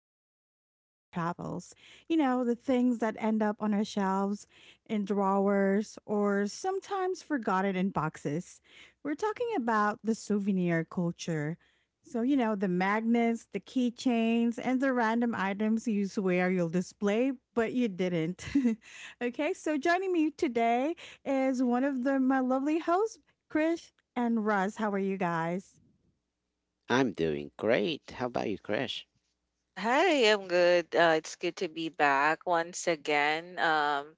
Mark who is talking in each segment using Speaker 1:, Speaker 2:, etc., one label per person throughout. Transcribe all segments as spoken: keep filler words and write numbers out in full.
Speaker 1: bring home from our travels. You know, the things that end up on our shelves, in drawers, or sometimes forgotten in boxes. We're talking about the souvenir culture. So, you know, the magnets, the keychains, and the random items you swear you'll display, but you didn't. Okay, so joining me today is one of the, my lovely hosts. Chris, and Russ, how are you guys?
Speaker 2: I'm doing great. How about you, Crash?
Speaker 3: Hi, I'm good. Uh, it's good to be back once again. Um,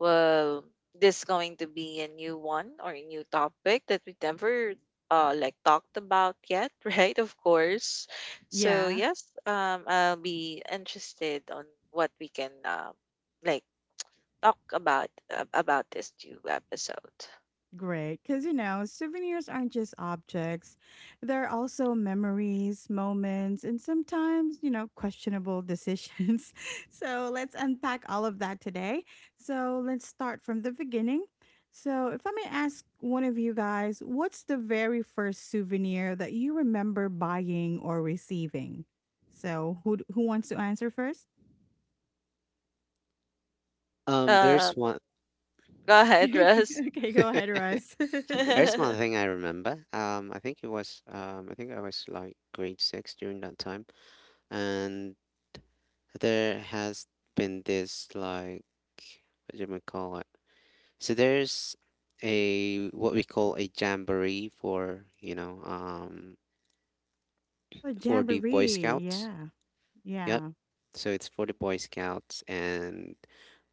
Speaker 3: well, this is going to be a new one or a new topic that we never uh like talked about yet, right? Of course. So
Speaker 1: Yeah.
Speaker 3: yes, um, I'll be interested on what we can um like talk about uh, about this new episode.
Speaker 1: Great. Because, you know, souvenirs aren't just objects, they're also memories, moments, and sometimes, you know, questionable decisions. So let's unpack all of that today. So let's start from the beginning. So, if I may ask one of you guys, what's the very first souvenir that you remember buying or receiving? So, who who wants to answer first?
Speaker 2: Um, there's one
Speaker 3: Um, Go ahead, Russ.
Speaker 1: Okay, go ahead, Russ.
Speaker 2: there's one thing I remember. Um, I think it was um, I think I was like grade six during that time, and there has been this like what do you call it? So there's a what we call a jamboree for you know um
Speaker 1: A
Speaker 2: for the Boy
Speaker 1: jamboree,
Speaker 2: Scouts.
Speaker 1: yeah,
Speaker 2: Yep.
Speaker 1: yeah,
Speaker 2: So it's for the Boy Scouts, and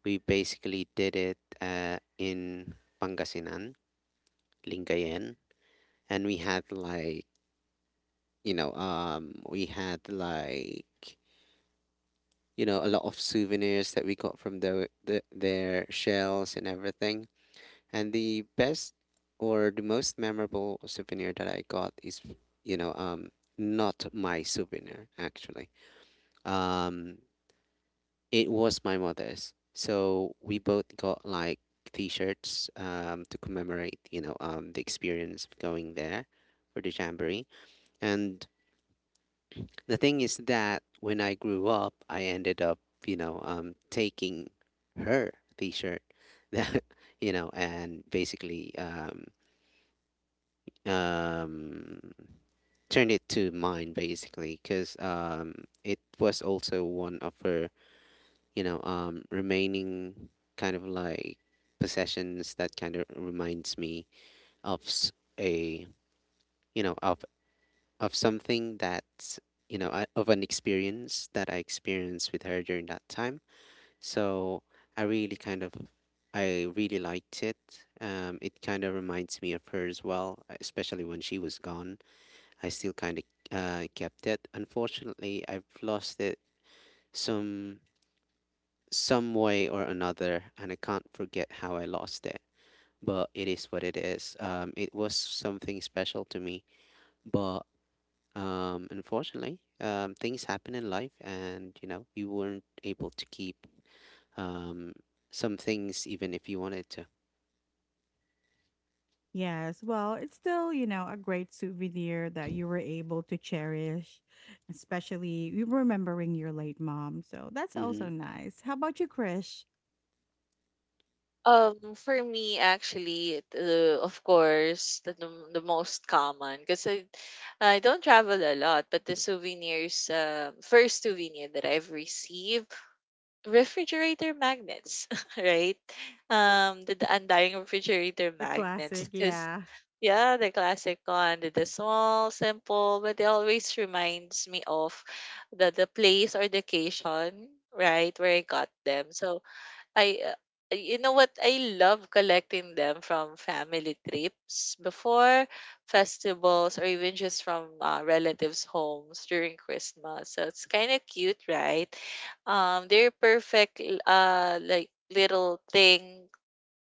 Speaker 2: we basically did it uh, in Pangasinan. Lingayen. And we had like you know um we had like you know a lot of souvenirs that we got from the, the their shells and everything, and the best or the most memorable souvenir that I got is, you know um not my souvenir actually. um it was my mother's. So we both got like t-shirts um to commemorate, you know um the experience of going there for the jamboree. And the thing is that when I grew up, I ended up, you know, um, taking her T-shirt, that you know, and basically um, um, turned it to mine, basically, because um, it was also one of her, you know, um, remaining kind of like possessions that kind of reminds me of s- a, you know, of of something that's, you know I- of an experience that I experienced with her during that time. So I really kind of, I really liked it. Um, it kind of reminds me of her as well, especially when she was gone. I still kind of uh, kept it. Unfortunately, I've lost it some some way or another, and I can't forget how I lost it. But it is what it is. Um, it was something special to me, but um, unfortunately, um, things happen in life, and you know, you weren't able to keep um, some things even if you wanted to.
Speaker 1: yes. Well, it's still, you know, a great souvenir that you were able to cherish, especially you remembering your late mom. So that's also
Speaker 2: Mhm.
Speaker 1: nice. How about you, Krish?
Speaker 3: Um, for me, actually, it, uh, of course, the, the the most common because I, I don't travel a lot, but the souvenirs, um, first souvenir that I've received, refrigerator magnets, right? Um, the, the undying refrigerator
Speaker 1: The
Speaker 3: magnets,
Speaker 1: classic,
Speaker 3: because
Speaker 1: yeah.
Speaker 3: yeah, the classic one, the, the small, simple, but it always reminds me of the the place or the occasion, right, where I got them. So I uh, you know what? I love collecting them from family trips before festivals or even just from uh, relatives' homes during Christmas. So it's kind of cute, right? Um, they're perfect, l- uh, like little thing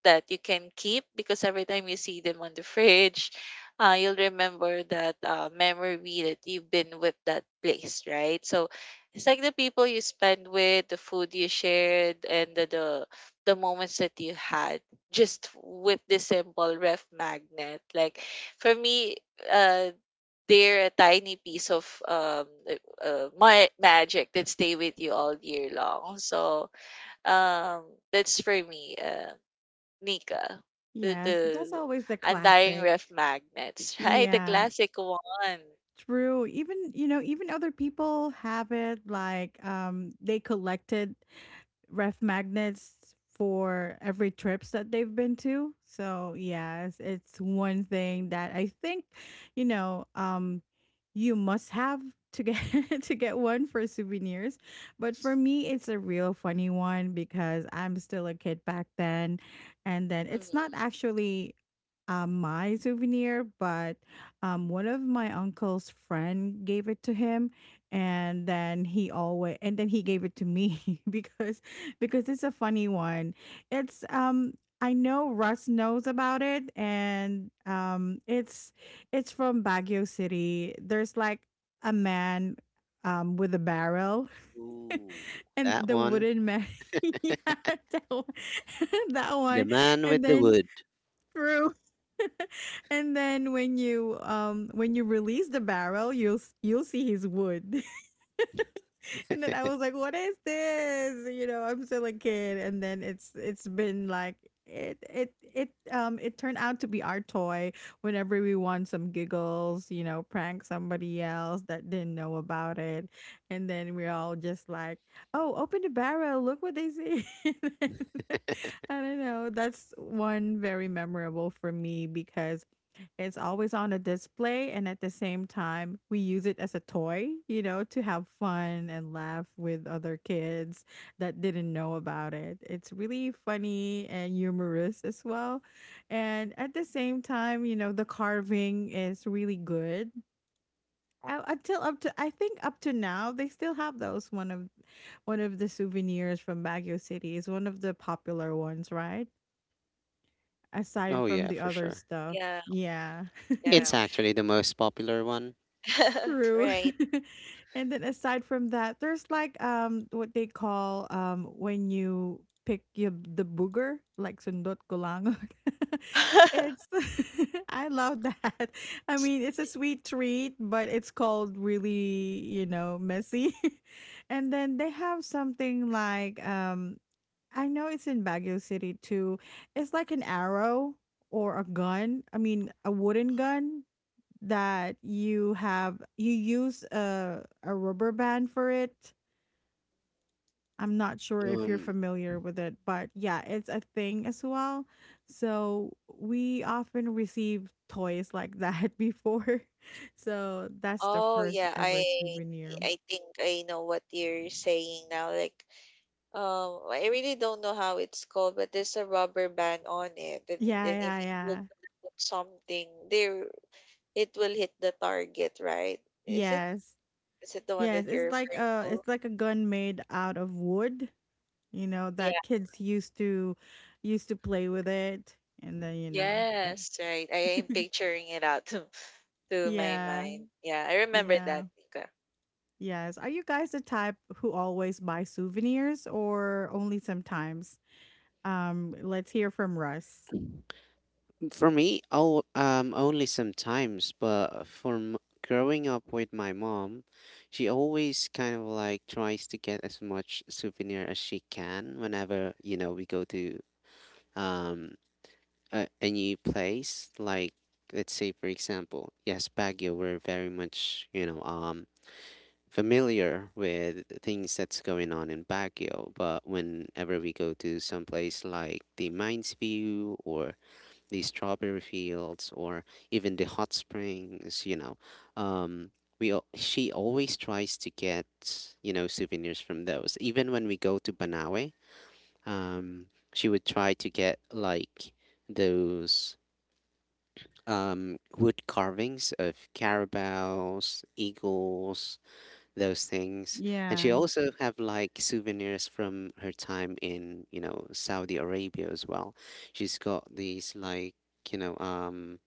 Speaker 3: that you can keep because every time you see them on the fridge, uh, you'll remember that uh, memory that you've been with that place, right? So it's like the people you spend with, the food you shared, and the the, the moments that you had just with the simple ref magnet. Like for me, uh, they're a tiny piece of um uh, uh, my magic that stay with you all year long. So um that's for me. Um Nika, the
Speaker 1: Yes, that's
Speaker 3: the
Speaker 1: always the
Speaker 3: undying
Speaker 1: classic.
Speaker 3: ref magnets, right? The
Speaker 1: Yeah,
Speaker 3: classic one.
Speaker 1: true. Even, you know, even other people have it, like um they collected ref magnets for every trips that they've been to. So yes, it's one thing that I think, you know, um, you must have to get to get one for souvenirs. But for me, it's a real funny one because I'm still a kid back then, and then it's not
Speaker 3: Mhm.
Speaker 1: actually um, my souvenir, but um, one of my uncle's friend gave it to him, and then he always and then he gave it to me because because it's a funny one. It's um I know Russ knows about it, and um it's it's from Baguio City. There's like a man um with a barrel
Speaker 2: Ooh,
Speaker 1: and
Speaker 2: that
Speaker 1: the
Speaker 2: one.
Speaker 1: wooden man yeah, that one, that
Speaker 2: The
Speaker 1: one.
Speaker 2: Man
Speaker 1: And
Speaker 2: with the
Speaker 1: then,
Speaker 2: Wood.
Speaker 1: true. And then when you um when you release the barrel, you'll s- you'll see his wood. And then I was like, "What is this?" You know, I'm still a kid, and then it's it's been like it it it um it turned out to be our toy whenever we want some giggles, you know, prank somebody else that didn't know about it. And then we're all just like, oh, open the barrel, look what they see. I don't know, that's one very memorable for me because it's always on a display, and at the same time, we use it as a toy, you know, to have fun and laugh with other kids that didn't know about it. It's really funny and humorous as well. And at the same time, you know, the carving is really good. Uh, Until up to I think up to now, they still have those. One of one of the souvenirs from Baguio City is one of the popular ones, right? Aside
Speaker 2: Oh
Speaker 1: from
Speaker 2: yeah,
Speaker 1: the
Speaker 2: for
Speaker 1: other
Speaker 2: sure.
Speaker 1: stuff.
Speaker 3: Yeah,
Speaker 1: Yeah.
Speaker 3: yeah.
Speaker 2: It's actually the most popular one.
Speaker 1: True.
Speaker 3: Right.
Speaker 1: And then aside from that, there's like um what they call um when you pick your the booger, like sundot kulang. It's I love that. I mean, it's a sweet treat, but it's called really, you know, messy. And then they have something like um I know it's in Baguio City too. It's like an arrow or a gun. I mean, a wooden gun that you have you use a a rubber band for it. I'm not sure if you're
Speaker 2: Um,
Speaker 1: familiar with it, but yeah, it's a thing as well. So we often receive toys like that before. So that's the
Speaker 3: Oh,
Speaker 1: first
Speaker 3: yeah.
Speaker 1: ever
Speaker 3: I
Speaker 1: souvenir.
Speaker 3: I think I know what you're saying now. Like, um, I really don't know how it's called, but there's a rubber band on it, and, and
Speaker 1: Yeah,
Speaker 3: then
Speaker 1: yeah,
Speaker 3: if you will
Speaker 1: yeah.
Speaker 3: put something there, it will hit the target, right? Is it
Speaker 1: Yes.
Speaker 3: is it the one
Speaker 1: Yes,
Speaker 3: that you're
Speaker 1: it's like
Speaker 3: referring
Speaker 1: a
Speaker 3: to?
Speaker 1: it's like a gun made out of wood, you know, that kids used to used to play with, it and then, you know. Eh.
Speaker 3: Yes, right. I am picturing it out to to my Mm.
Speaker 1: Yeah.
Speaker 3: mind. Yeah, I remember
Speaker 1: Yeah.
Speaker 3: that, Nika.
Speaker 1: Yes. Are you guys the type who always buy souvenirs or only sometimes? Um, let's hear from Russ.
Speaker 2: for me, oh, um, only sometimes, but for m- growing up with my mom, she always kind of like tries to get as much souvenir as she can whenever, you know, we go to um a, a new place. Like, let's say, for example, yes, Baguio, we're very much, you know, um familiar with things that's going on in Baguio, but whenever we go to some place like the Mines View or the strawberry fields or even the hot springs, you know, um, we al- she always tries to get, you know, souvenirs from those. Even when we go to Banawe, um, she would try to get like those um wood carvings of carabaos, eagles, those things. And she
Speaker 1: Yeah.
Speaker 2: also have like souvenirs from her time in, you know, Saudi Arabia as well. She's got these like, you know, um,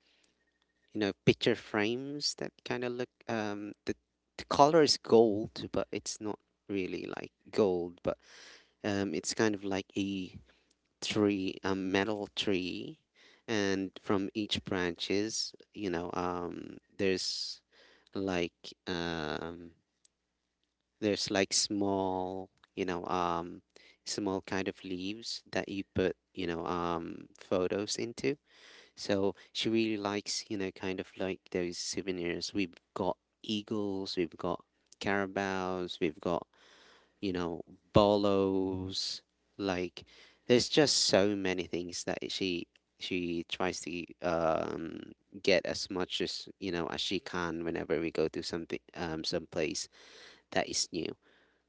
Speaker 2: you know, picture frames that kind of look um the the color is gold, but it's not really like gold, but um it's kind of like a tree, a metal tree. And from each branches, you know, um, there's like um there's like small, you know, um, small kind of leaves that you put, you know, um, photos into. So she really likes, you know, kind of like those souvenirs. We've got eagles, we've got carabaos, we've got, you know, bolos. Like, there's just so many things that she she tries to um get as much as, you know, as she can whenever we go to something, um some place that is new,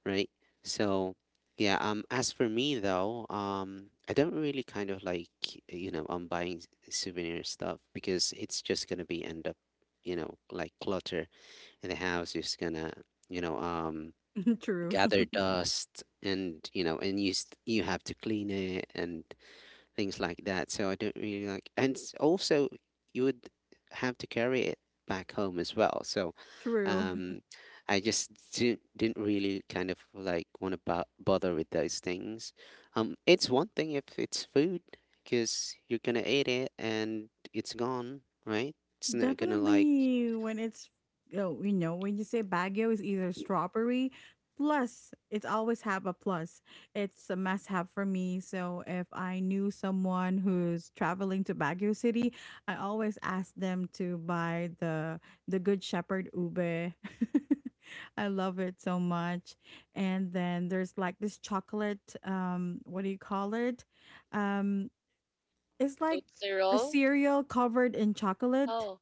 Speaker 2: right? So yeah, um as for me though, um I don't really kind of like, you know, I'm buying s- souvenir stuff, because it's just gonna be end up, you know, like clutter in the house, just gonna, you know, um
Speaker 1: True.
Speaker 2: gather dust, and you know, and you st- you have to clean it and things like that. So I don't really like, and s- also you would have to carry it back home as well. So
Speaker 1: True.
Speaker 2: um, I just didn't didn't really kind of like want to bo- bother with those things. Um, it's one thing if it's food because you're gonna eat it and it's gone, right? It's not gonna like.
Speaker 1: Definitely when it's, oh, you know, when you say Baguio is either strawberry plus, it's always have a plus. It's a must have for me. So if I knew someone who's traveling to Baguio City, I always ask them to buy the the Good Shepherd ube. I love it so much. And then there's like this chocolate, um, what do you call it? Um it's like
Speaker 3: Tootsie
Speaker 1: a
Speaker 3: Roll?
Speaker 1: cereal covered in chocolate.
Speaker 3: Oh.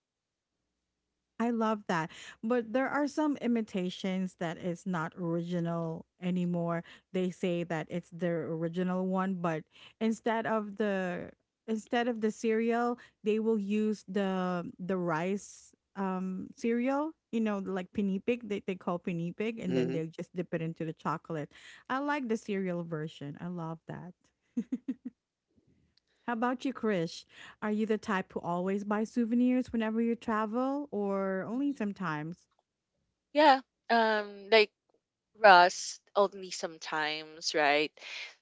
Speaker 1: I love that. But there are some imitations that is not original anymore. They say that it's their original one, but instead of the instead of the cereal, they will use the the rice um cereal, you know, like pinipig, they they call pinipig, and then
Speaker 2: Mm-hmm,
Speaker 1: they just dip it into the chocolate. I like the cereal version. I love that. How about you, Krish? Are you the type who always buy souvenirs whenever you travel or only
Speaker 3: Mhm.
Speaker 1: sometimes?
Speaker 3: Yeah. Um, like rust only sometimes, right?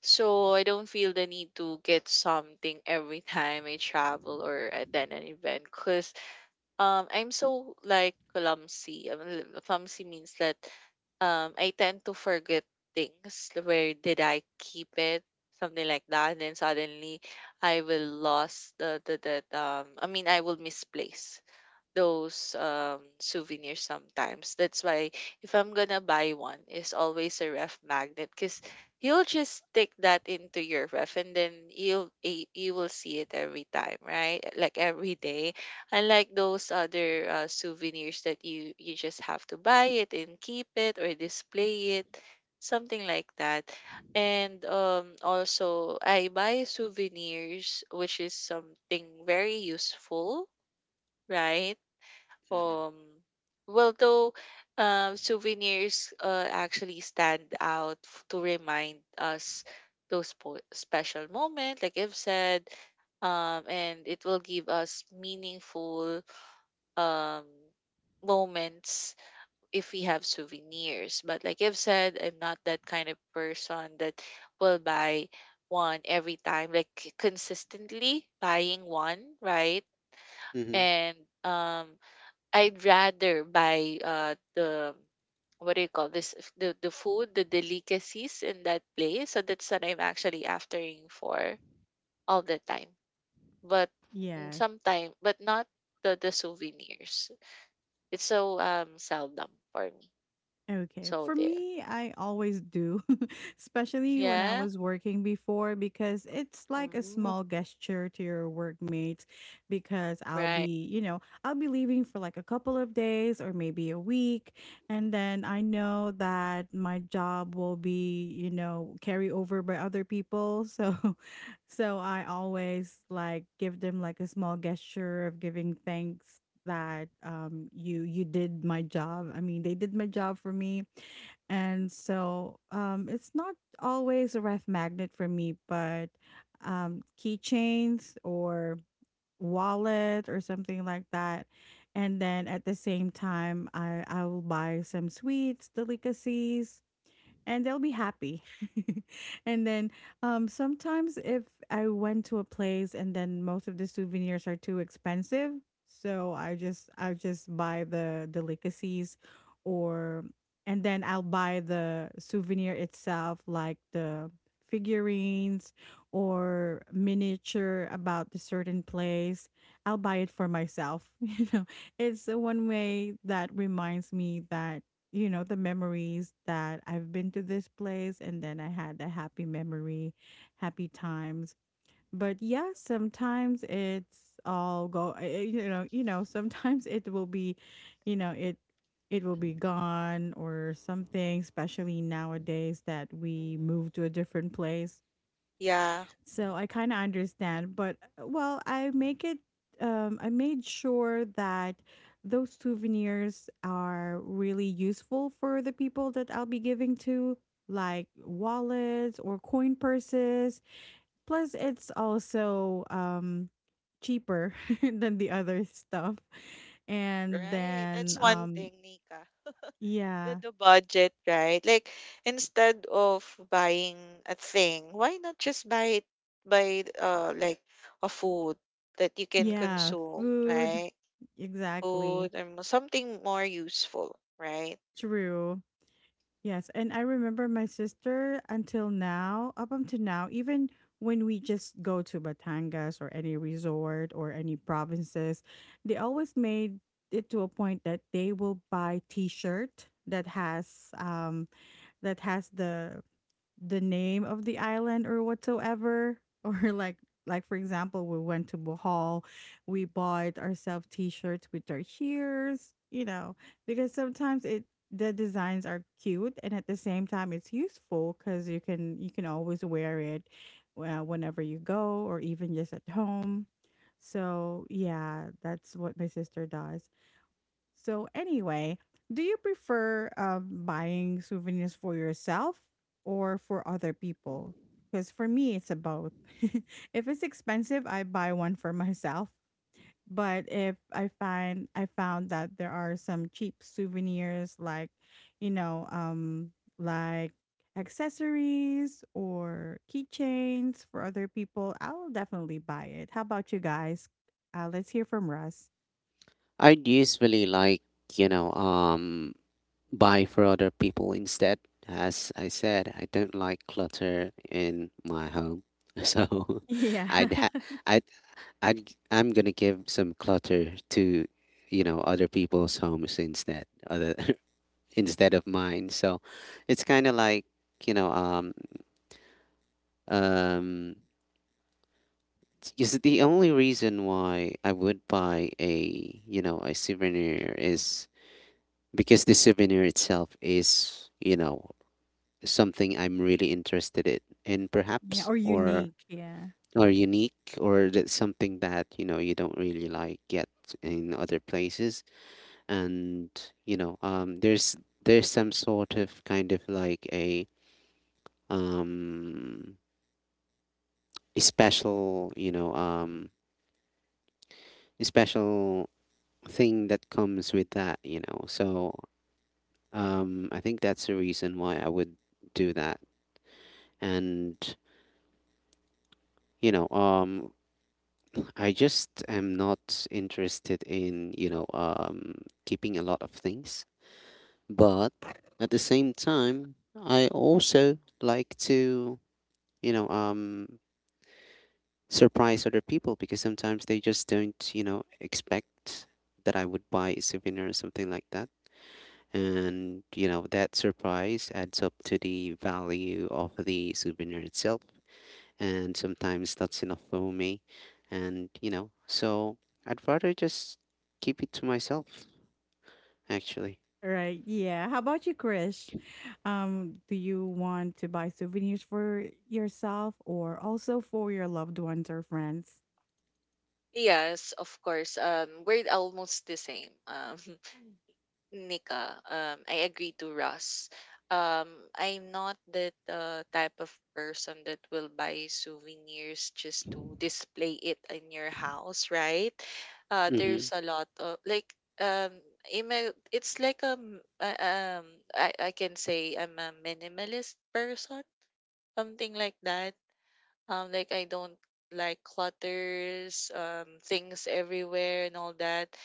Speaker 3: So I don't feel the need to get something every time I travel or attend an event, cause. Um, I'm so like clumsy. I l- clumsy means that um I tend to forget things. Where did I keep it? Something like that. And then suddenly I will lost the the that um I mean I will misplace those um souvenirs sometimes. That's why if I'm gonna buy one, it's always a ref magnet because you'll just stick that into your ref and then you'll eh, you will see it every time, right? Like every day. Unlike those other uh, souvenirs that you you just have to buy it and keep it or display it, something like that. And um also I buy souvenirs, which is something very useful, right?
Speaker 2: mm-hmm,
Speaker 3: Um, well, though, uh, souvenirs uh, actually stand out f- to remind us those po- special moments, like I've said, um, and it will give us meaningful um, moments if we have souvenirs. But like I've said, I'm not that kind of person that will buy one every time, like consistently buying one, right?
Speaker 2: mm-hmm.
Speaker 3: And um I'd rather buy uh the what do you call this f- the the food, the delicacies in that place, so that's what I'm actually aftering for all the time, but
Speaker 1: Yes.
Speaker 3: sometimes, but not the the souvenirs. It's so um seldom for me.
Speaker 1: Okay.
Speaker 3: So
Speaker 1: For
Speaker 3: there,
Speaker 1: me, I always do, especially when I
Speaker 3: yeah.
Speaker 1: was working before, because it's like a
Speaker 3: Mm,
Speaker 1: small gesture to your workmates. Because I'll
Speaker 3: right.
Speaker 1: be, you know, I'll be leaving for like a couple of days or maybe a week. And then I know that my job will be, you know, carry over by other people. So, so I
Speaker 3: Mhm,
Speaker 1: always like give them like a small gesture of giving thanks that um you you did my job. I mean, they did my job for me. And so um it's not always a ref magnet for me, but um keychains or wallet or something like that. And then at the same time, I I will buy some sweets, delicacies, and they'll be happy. And then, um, sometimes if I went to a place and then most of the souvenirs are too expensive, so I just I just buy the delicacies, or and then I'll buy the souvenir itself, like the figurines or miniature about the certain place. I'll buy it for myself. You know, it's the one way that reminds me that, you know, the memories that I've been to this place and then I had a happy memory, happy times. But yeah, sometimes it's all go, eh, eh, you know, you know, sometimes it will be, you know, it it will be gone or something, especially nowadays that we
Speaker 3: mhm.
Speaker 1: move to a different place.
Speaker 3: Yeah,
Speaker 1: So I kind of understand, but uh, well, I make it. Um, I made sure that those souvenirs are really useful for the people that I'll be giving to, like wallets or coin purses. Plus, it's also um cheaper than the other stuff. And
Speaker 3: right. That's
Speaker 1: then,
Speaker 3: one
Speaker 1: um,
Speaker 3: thing, Nika. The
Speaker 1: yeah,
Speaker 3: the budget, right? Like instead of buying a thing, why not just buy it buy uh like a food that you can
Speaker 1: yeah,
Speaker 3: consume,
Speaker 1: food,
Speaker 3: right? Food
Speaker 1: exactly.
Speaker 3: and mo- something more useful, right?
Speaker 1: True. Yes, and I remember my sister until now, up until now, even when we just go to Batangas or any resort or any provinces, they always made it to a point that they will buy T-shirt that has um that has the the name of the island or whatsoever, or like like for example, we went to Bohol, we bought ourselves T-shirts with our cheers, you know, because sometimes it the designs are cute, and at the same time it's useful because you can you can always wear it, uh, whenever you go or even just at home. So yeah, that's what my sister does. So, anyway, do you prefer, um, buying souvenirs for yourself or for other people? Because for me, it's a both. If it's expensive, I buy one for myself. But if I find I found that there are some cheap souvenirs, like, you know, um, like accessories or keychains for other people, I'll definitely buy it. How about you guys? Uh, let's hear from Russ.
Speaker 2: I'd usually like, you know um buy for other people instead. As I said, I don't like clutter in my home. So
Speaker 1: Yeah.
Speaker 2: I'd ha- I'd, I'd g- I'm gonna give some clutter to, you know, other people's homes instead, other instead of mine. So it's kind of like, you know um um is the only reason why I would buy a, you know, a souvenir is because the souvenir itself is, you know, something I'm really interested in, in
Speaker 1: Yeah,
Speaker 2: perhaps,
Speaker 1: or
Speaker 2: or
Speaker 1: unique. Yeah.
Speaker 2: or unique, or that's something that, you know, you don't really like get in other places, and you know, um, there's there's some sort of kind of like a um a special, you know um a special thing that comes with that, you know. So um I think that's the reason why I would do that. And you know, um I just am not interested in, you know, um, keeping a lot of things. But at the same time, I also like to, you know, um, surprise other people because sometimes they just don't, you know, expect that I would buy a souvenir or something like that. And, you know, that surprise adds up to the value of the souvenir itself. And sometimes that's enough for me. And you know, so I'd rather just keep it to myself, actually.
Speaker 1: Right. Yeah. How about you, Krish? Um, do you want to buy souvenirs for yourself or also for your loved ones or friends?
Speaker 3: Yes, of course. Um, we're almost the same. Um, Nika, um, I agree to Russ. Um, I'm not that uh, type of person that will buy souvenirs just to display it in your house, right? Uh,
Speaker 2: mm-hmm.
Speaker 3: there's a lot of like um, I'm a- it's like um, uh, um, I I can say I'm a minimalist person, something like that. Um, like I don't like clutters, um, things everywhere and all that.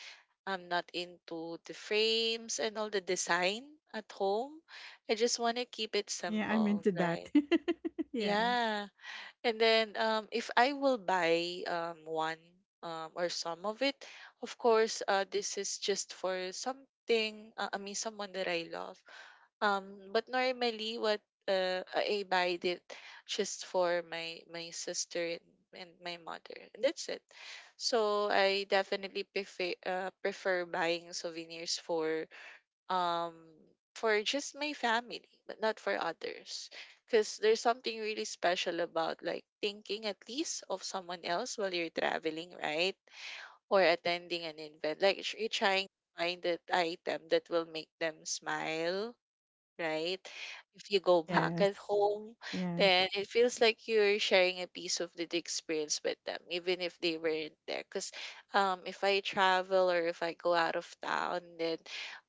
Speaker 3: I'm not into the frames and all the design at home. I just wanna keep it
Speaker 1: Yeah, I'm
Speaker 3: simple,
Speaker 1: into that.
Speaker 3: right?
Speaker 1: Yeah.
Speaker 3: Yeah. And then um, if I will buy um, one, um, or some of it, of course, uh, this is just for something, uh, I mean, someone that I love. Um, but normally, what uh, I buy it just for my my sister and, and my mother, and that's it. So I definitely prefer uh, prefer buying souvenirs for um for just my family, but not for others, because there's something really special about like thinking at least of someone else while you're traveling, right, or attending an event, like tr- you're trying to find that item that will make them smile, right? If you go back at
Speaker 1: Yes.
Speaker 3: home,
Speaker 1: Yeah.
Speaker 3: then it feels like you're sharing a piece of the experience with them even if they weren't there, because um if I travel or if I go out of town, then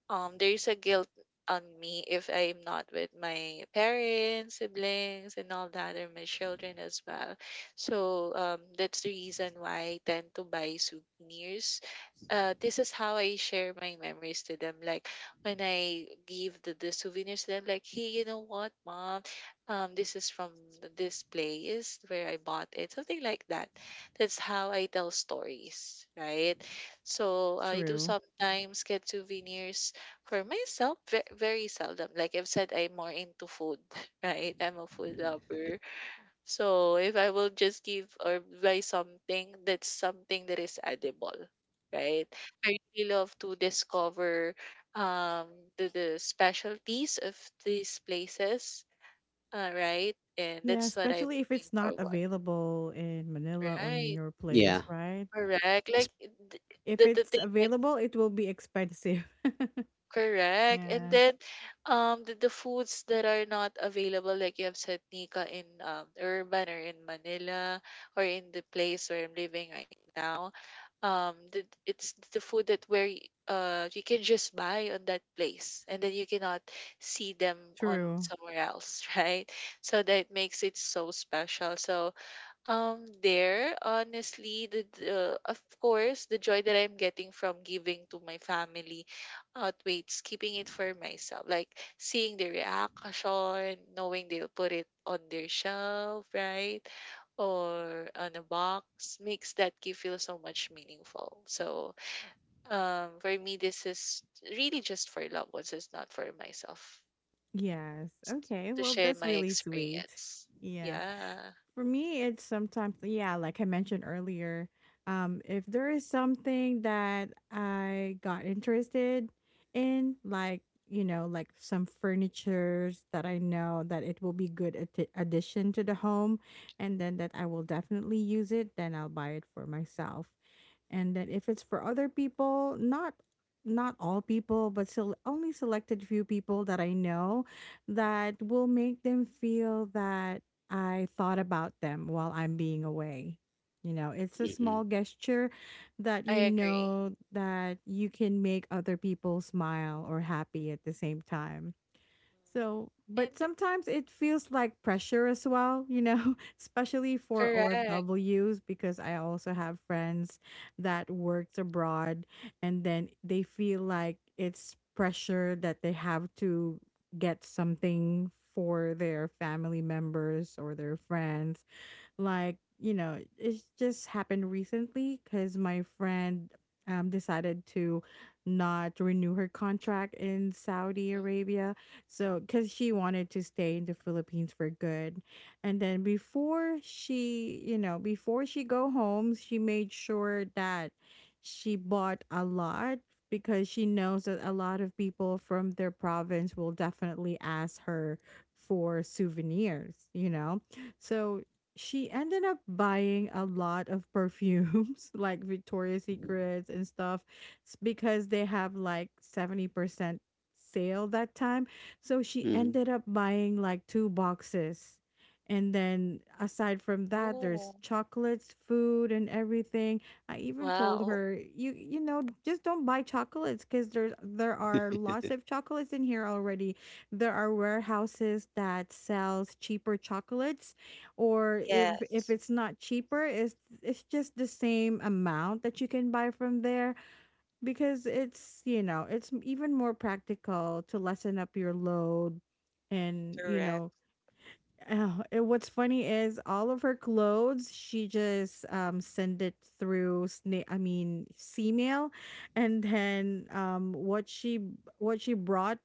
Speaker 3: um there's a guilt on me if I'm not with my parents, siblings, and all that, or my children as well. So um, that's the reason why I tend to buy souvenirs. Uh, this is how I share my memories to them. Like when I give the, the souvenirs to them, like, hey, you know what, mom? Um, this is from th- this place where I bought it, something like that. That's how I tell stories, right? So I do
Speaker 1: True.
Speaker 3: sometimes get souvenirs for myself, ve very seldom. Like I've said, I'm more into food, right? I'm a food lover. So if I will just give or buy something, that's something that is edible, right? I really love to discover um the, the specialties of these places, uh, right? And
Speaker 1: Yeah,
Speaker 3: that's what I'm
Speaker 1: especially if
Speaker 3: looking
Speaker 1: it's not
Speaker 3: forward,
Speaker 1: available in Manila or in
Speaker 3: right?
Speaker 1: your
Speaker 2: yeah
Speaker 1: place, right?
Speaker 3: Correct. Like th-
Speaker 1: If
Speaker 3: the the
Speaker 1: it's
Speaker 3: thing.
Speaker 1: available, it will be expensive.
Speaker 3: Correct. And
Speaker 1: Yeah.
Speaker 3: then um the, the foods that are not available, like you have said, Nika, in um urban or in Manila, or in the place where I'm living right now, um the, it's the food that where y- uh you can just buy on that place and then you cannot see them on
Speaker 1: True.
Speaker 3: somewhere else, right? So that makes it so special. So um, there, honestly, the, the of course, the joy that I'm getting from giving to my family outweighs keeping it for myself. Like seeing the reaction, knowing they'll put it on their shelf, right? Or on a box makes that gift feel so much meaningful. So, um, for me, this is really just for loved ones. It's not for myself
Speaker 1: Yes. Okay.
Speaker 3: to
Speaker 1: Well,
Speaker 3: share
Speaker 1: that's
Speaker 3: my
Speaker 1: really sweet.
Speaker 3: experience.
Speaker 1: Yeah.
Speaker 3: Yeah,
Speaker 1: For me, it's sometimes, yeah, like I mentioned earlier, um, if there is something that I got interested in, like, you know, like some furnitures that I know that it will be good atti- addition to the home, and then that I will definitely use it, then I'll buy it for myself. And then if it's for other people, not not all people, but still only selected few people that I know, that will make them feel that I thought about them while I'm being away. You know, it's a
Speaker 2: mm-hmm.
Speaker 1: small gesture that,
Speaker 3: I
Speaker 1: you
Speaker 3: agree.
Speaker 1: know, that you can make other people smile or happy at the same time. So,
Speaker 3: Mhm.
Speaker 1: but
Speaker 3: And
Speaker 1: sometimes it feels like pressure as well, you know, especially for
Speaker 3: correct.
Speaker 1: O F Ws, because I also have friends that works abroad, and then they feel like it's pressure that they have to get something for their family members or their friends. Like, you know, it just happened recently because my friend um, decided to not renew her contract in Saudi
Speaker 3: Mhm.
Speaker 1: Arabia. So because she wanted to stay in the Philippines for good, and then before she, you know, before she go home, she made sure that she bought a lot, because she knows that a lot of people from their province will definitely ask her for souvenirs, you know. So she ended up buying a lot of perfumes like Victoria's Secrets and stuff, s- because they have like seventy percent sale that time. So she
Speaker 2: Mm-hmm.
Speaker 1: ended up buying like two boxes. And then aside from that, there's
Speaker 3: Oh,
Speaker 1: chocolates, food, and everything. I even told
Speaker 3: wow.
Speaker 1: her, you you know, just don't buy chocolates, cuz there's there are lots of chocolates in here already. There are warehouses that sells cheaper chocolates, or if if
Speaker 3: Yes,
Speaker 1: it's not cheaper, it's it's just the same amount that you can buy from there, because it's, you know, it's even more practical to lessen up your load, and you
Speaker 3: correct.
Speaker 1: know. Oh, and what's funny is all of her clothes, she just um send it through sna- I mean C-mail, and then um what she what she brought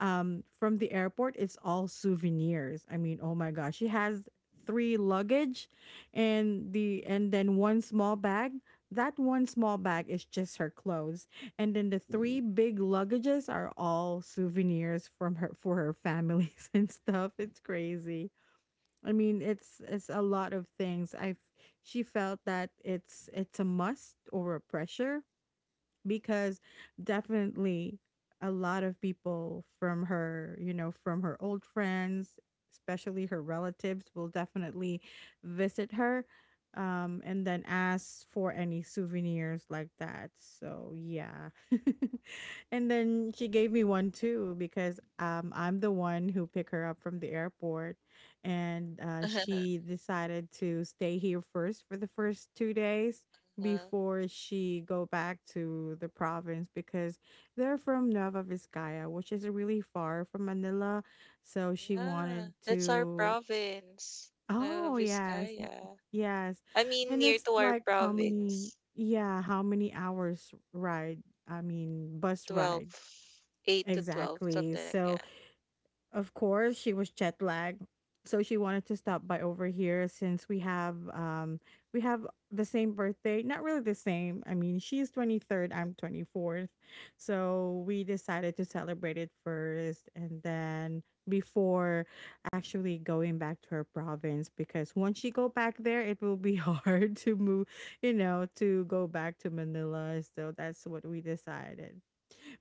Speaker 1: um from the airport is all souvenirs. I mean, oh my gosh, she has three luggage and the and then one small bag. That one small bag is just her clothes. And then the three big luggages are all souvenirs from her, for her families, and stuff. It's crazy. I mean, it's it's a lot of things. I have She felt that it's it's a must or a pressure, because definitely a lot of people from her, you know, from her old friends, especially her relatives, will definitely visit her, um, and then ask for any souvenirs like that. So, yeah. And then she gave me one too, because um, I'm the one who picked her up from the airport, and uh, she decided to stay here first for the first two days
Speaker 3: uh
Speaker 1: before she go back to the province, because they're from Nueva Vizcaya, which is really far from Manila. So she
Speaker 3: Yeah,
Speaker 1: wanted
Speaker 3: that's our
Speaker 1: to.
Speaker 3: province, Nueva
Speaker 1: Oh yes, y-
Speaker 3: Vizcaya.
Speaker 1: yes,
Speaker 3: I mean,
Speaker 1: and
Speaker 3: near
Speaker 1: it's
Speaker 3: to our
Speaker 1: like how many?
Speaker 3: province,
Speaker 1: Yeah, how many hours ride? I mean, bus
Speaker 3: twelve,
Speaker 1: ride
Speaker 3: eight to twelve,
Speaker 1: exactly.
Speaker 3: something like
Speaker 1: So
Speaker 3: that.
Speaker 1: of course, she was jet lagged. So she wanted to stop by over here since we have um we have the same birthday. Not really the same. I mean, she is twenty-third, I'm twenty-fourth. So we decided to celebrate it first, and then before actually going back to her province, because once she go back there, it will be hard to move, you know, to go back to Manila. So that's what we decided.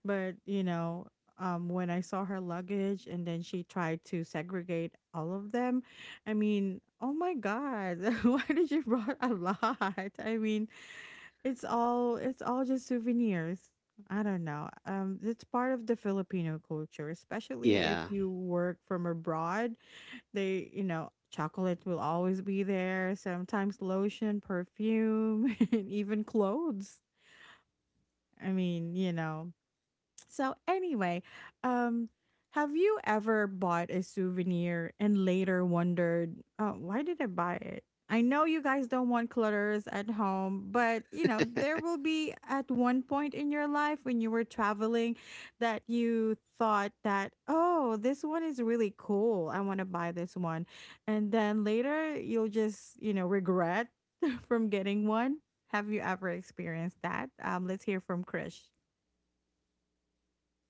Speaker 1: But, you know, um, when I saw her luggage and then she tried to segregate all of them, I mean, oh my God, why did you brought a lot? I mean, it's all it's all just souvenirs. I don't know. Um, it's part of the Filipino culture, especially if
Speaker 2: yeah
Speaker 1: you work from abroad. They, you know, chocolate will always be there. Sometimes lotion, perfume, and even clothes. I mean, you know, so anyway, um, have you ever bought a souvenir and later wondered, oh, why did I buy it? I know you guys don't want clutters at home, but you know, there will be at one point in your life when you were traveling that you thought that, oh, this one is really cool. I want to buy this one. And then later you'll just, you know, regret from getting one. Have you ever experienced that? Um, let's hear from Krish.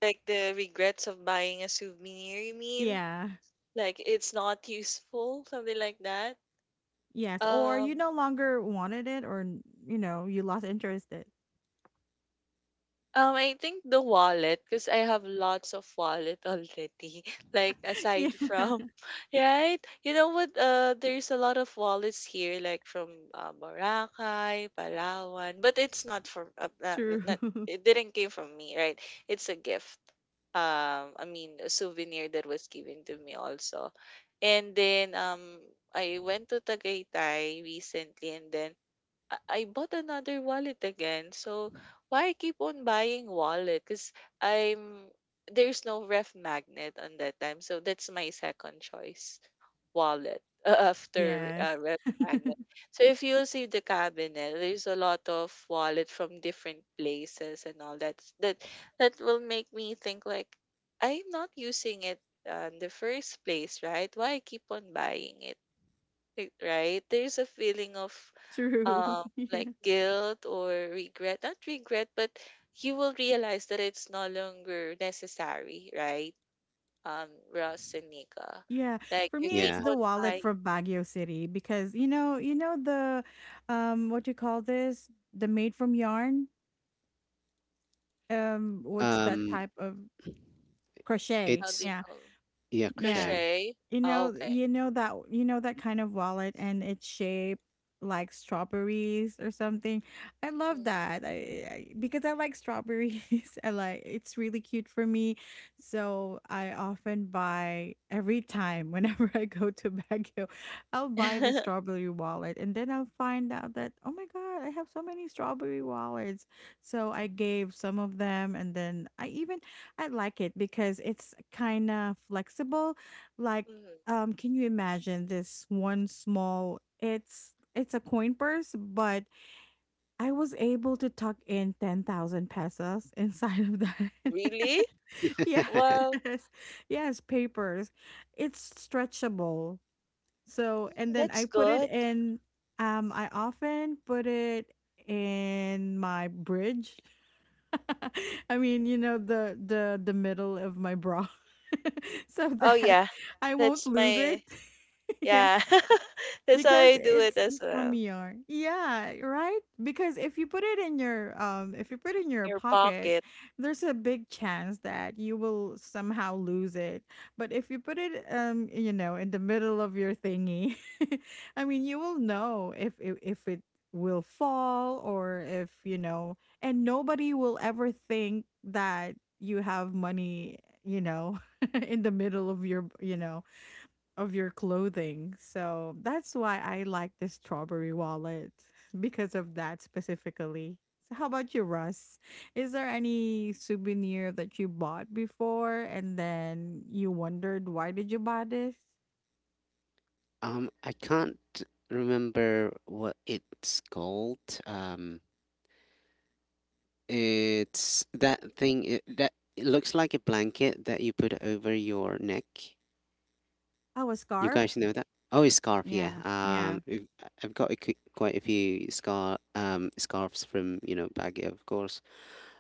Speaker 3: Like the regrets of buying a souvenir, you mean?
Speaker 1: Yeah.
Speaker 3: Like it's not useful, something like that.
Speaker 1: Yes, or you
Speaker 3: Um,
Speaker 1: no longer wanted it, or, n- you know, you lost interest it.
Speaker 3: Um, I think the wallet, because I have lots of wallet already. Like
Speaker 1: Yeah,
Speaker 3: aside from, right? You know what? Uh, there's a lot of wallets here, like from uh, Boracay, Palawan, but it's not from uh, not, not
Speaker 1: true.
Speaker 3: it didn't came from me, right? It's a gift. Um, I mean, a souvenir that was given to me also. And then um, I went to Tagaytay recently, and then I I bought another wallet again. So why keep on buying wallet? Because I'm there's no ref magnet on that time. So that's my second choice wallet after uh,
Speaker 1: Yes,
Speaker 3: ref magnet. So if you'll see the cabinet, there's a lot of wallet from different places and all that. That that will make me think like I'm not using it uh, in the first place, right? Why keep on buying it? Right? There's a feeling of
Speaker 1: true.
Speaker 3: um,
Speaker 1: Yeah.
Speaker 3: like guilt or regret. Not regret, but you will realize that it's no longer necessary, right? Um, Ross and Nika.
Speaker 1: Yeah,
Speaker 3: Like
Speaker 1: for
Speaker 3: you
Speaker 1: me it's
Speaker 3: keep
Speaker 2: yeah
Speaker 1: the
Speaker 3: on
Speaker 1: wallet
Speaker 3: buying,
Speaker 1: from Baguio City, because you know, you know the um what you call this? The made from yarn? Um what's that
Speaker 2: um
Speaker 1: type of crochet?
Speaker 3: how do
Speaker 2: it's
Speaker 3: you
Speaker 1: Yeah.
Speaker 3: call
Speaker 2: yeah,
Speaker 1: Yeah.
Speaker 2: crochet.
Speaker 3: crochet?
Speaker 1: You
Speaker 3: Oh,
Speaker 1: know,
Speaker 3: okay.
Speaker 1: you know that you know that kind of wallet, and it's shaped like strawberries or something. I love
Speaker 3: Mm.
Speaker 1: that. I, I because I like strawberries. I like it's really cute for me. So I often buy every time whenever I go to Baguio, I'll buy the strawberry wallet, and then I'll find out that oh my god, I have so many strawberry wallets. So I gave some of them, and then I even I like it because it's kind of flexible, like
Speaker 3: Mm.
Speaker 1: um can you imagine this one small, it's it's a coin purse, but I was able to tuck in ten thousand pesos inside of that.
Speaker 3: Really? Well,
Speaker 1: Yes. Yes, papers. It's stretchable. So
Speaker 3: mm,
Speaker 1: and then I
Speaker 3: that's
Speaker 1: put it
Speaker 3: good.
Speaker 1: in, um I often put it in my bridge. I mean, you know, the the the middle of my bra. So
Speaker 3: Oh
Speaker 1: that
Speaker 3: yeah,
Speaker 1: I won't
Speaker 3: that's
Speaker 1: lose it.
Speaker 3: my yeah. That's how
Speaker 1: Because
Speaker 3: I do it
Speaker 1: it's
Speaker 3: as
Speaker 1: from
Speaker 3: well.
Speaker 1: E R. Yeah, right? Because if you put it in your um if you put it in your
Speaker 3: Your
Speaker 1: pocket,
Speaker 3: pocket.
Speaker 1: there's a big chance that you will somehow lose it. But if you put it, um you know, in the middle of your thingy, I mean, you will know if if, if it will fall, or if you know, and nobody will ever think that you have money, you know, in the middle of your, you know, of your clothing. So that's why I like the strawberry wallet because of that specifically. So how about you, Russ? Is there any souvenir that you bought before and then you wondered why did you buy this?
Speaker 2: um I can't remember what it's called. Um, it's that thing it, that it looks like a blanket that you put over your neck.
Speaker 1: Oh, a
Speaker 2: You
Speaker 1: scarf?
Speaker 2: guys know that? Oh, scarf, yeah.
Speaker 1: Yeah, yeah.
Speaker 2: Um, I've I've got a, qu- quite a few scar um scarves from, you know, Baguio, of course.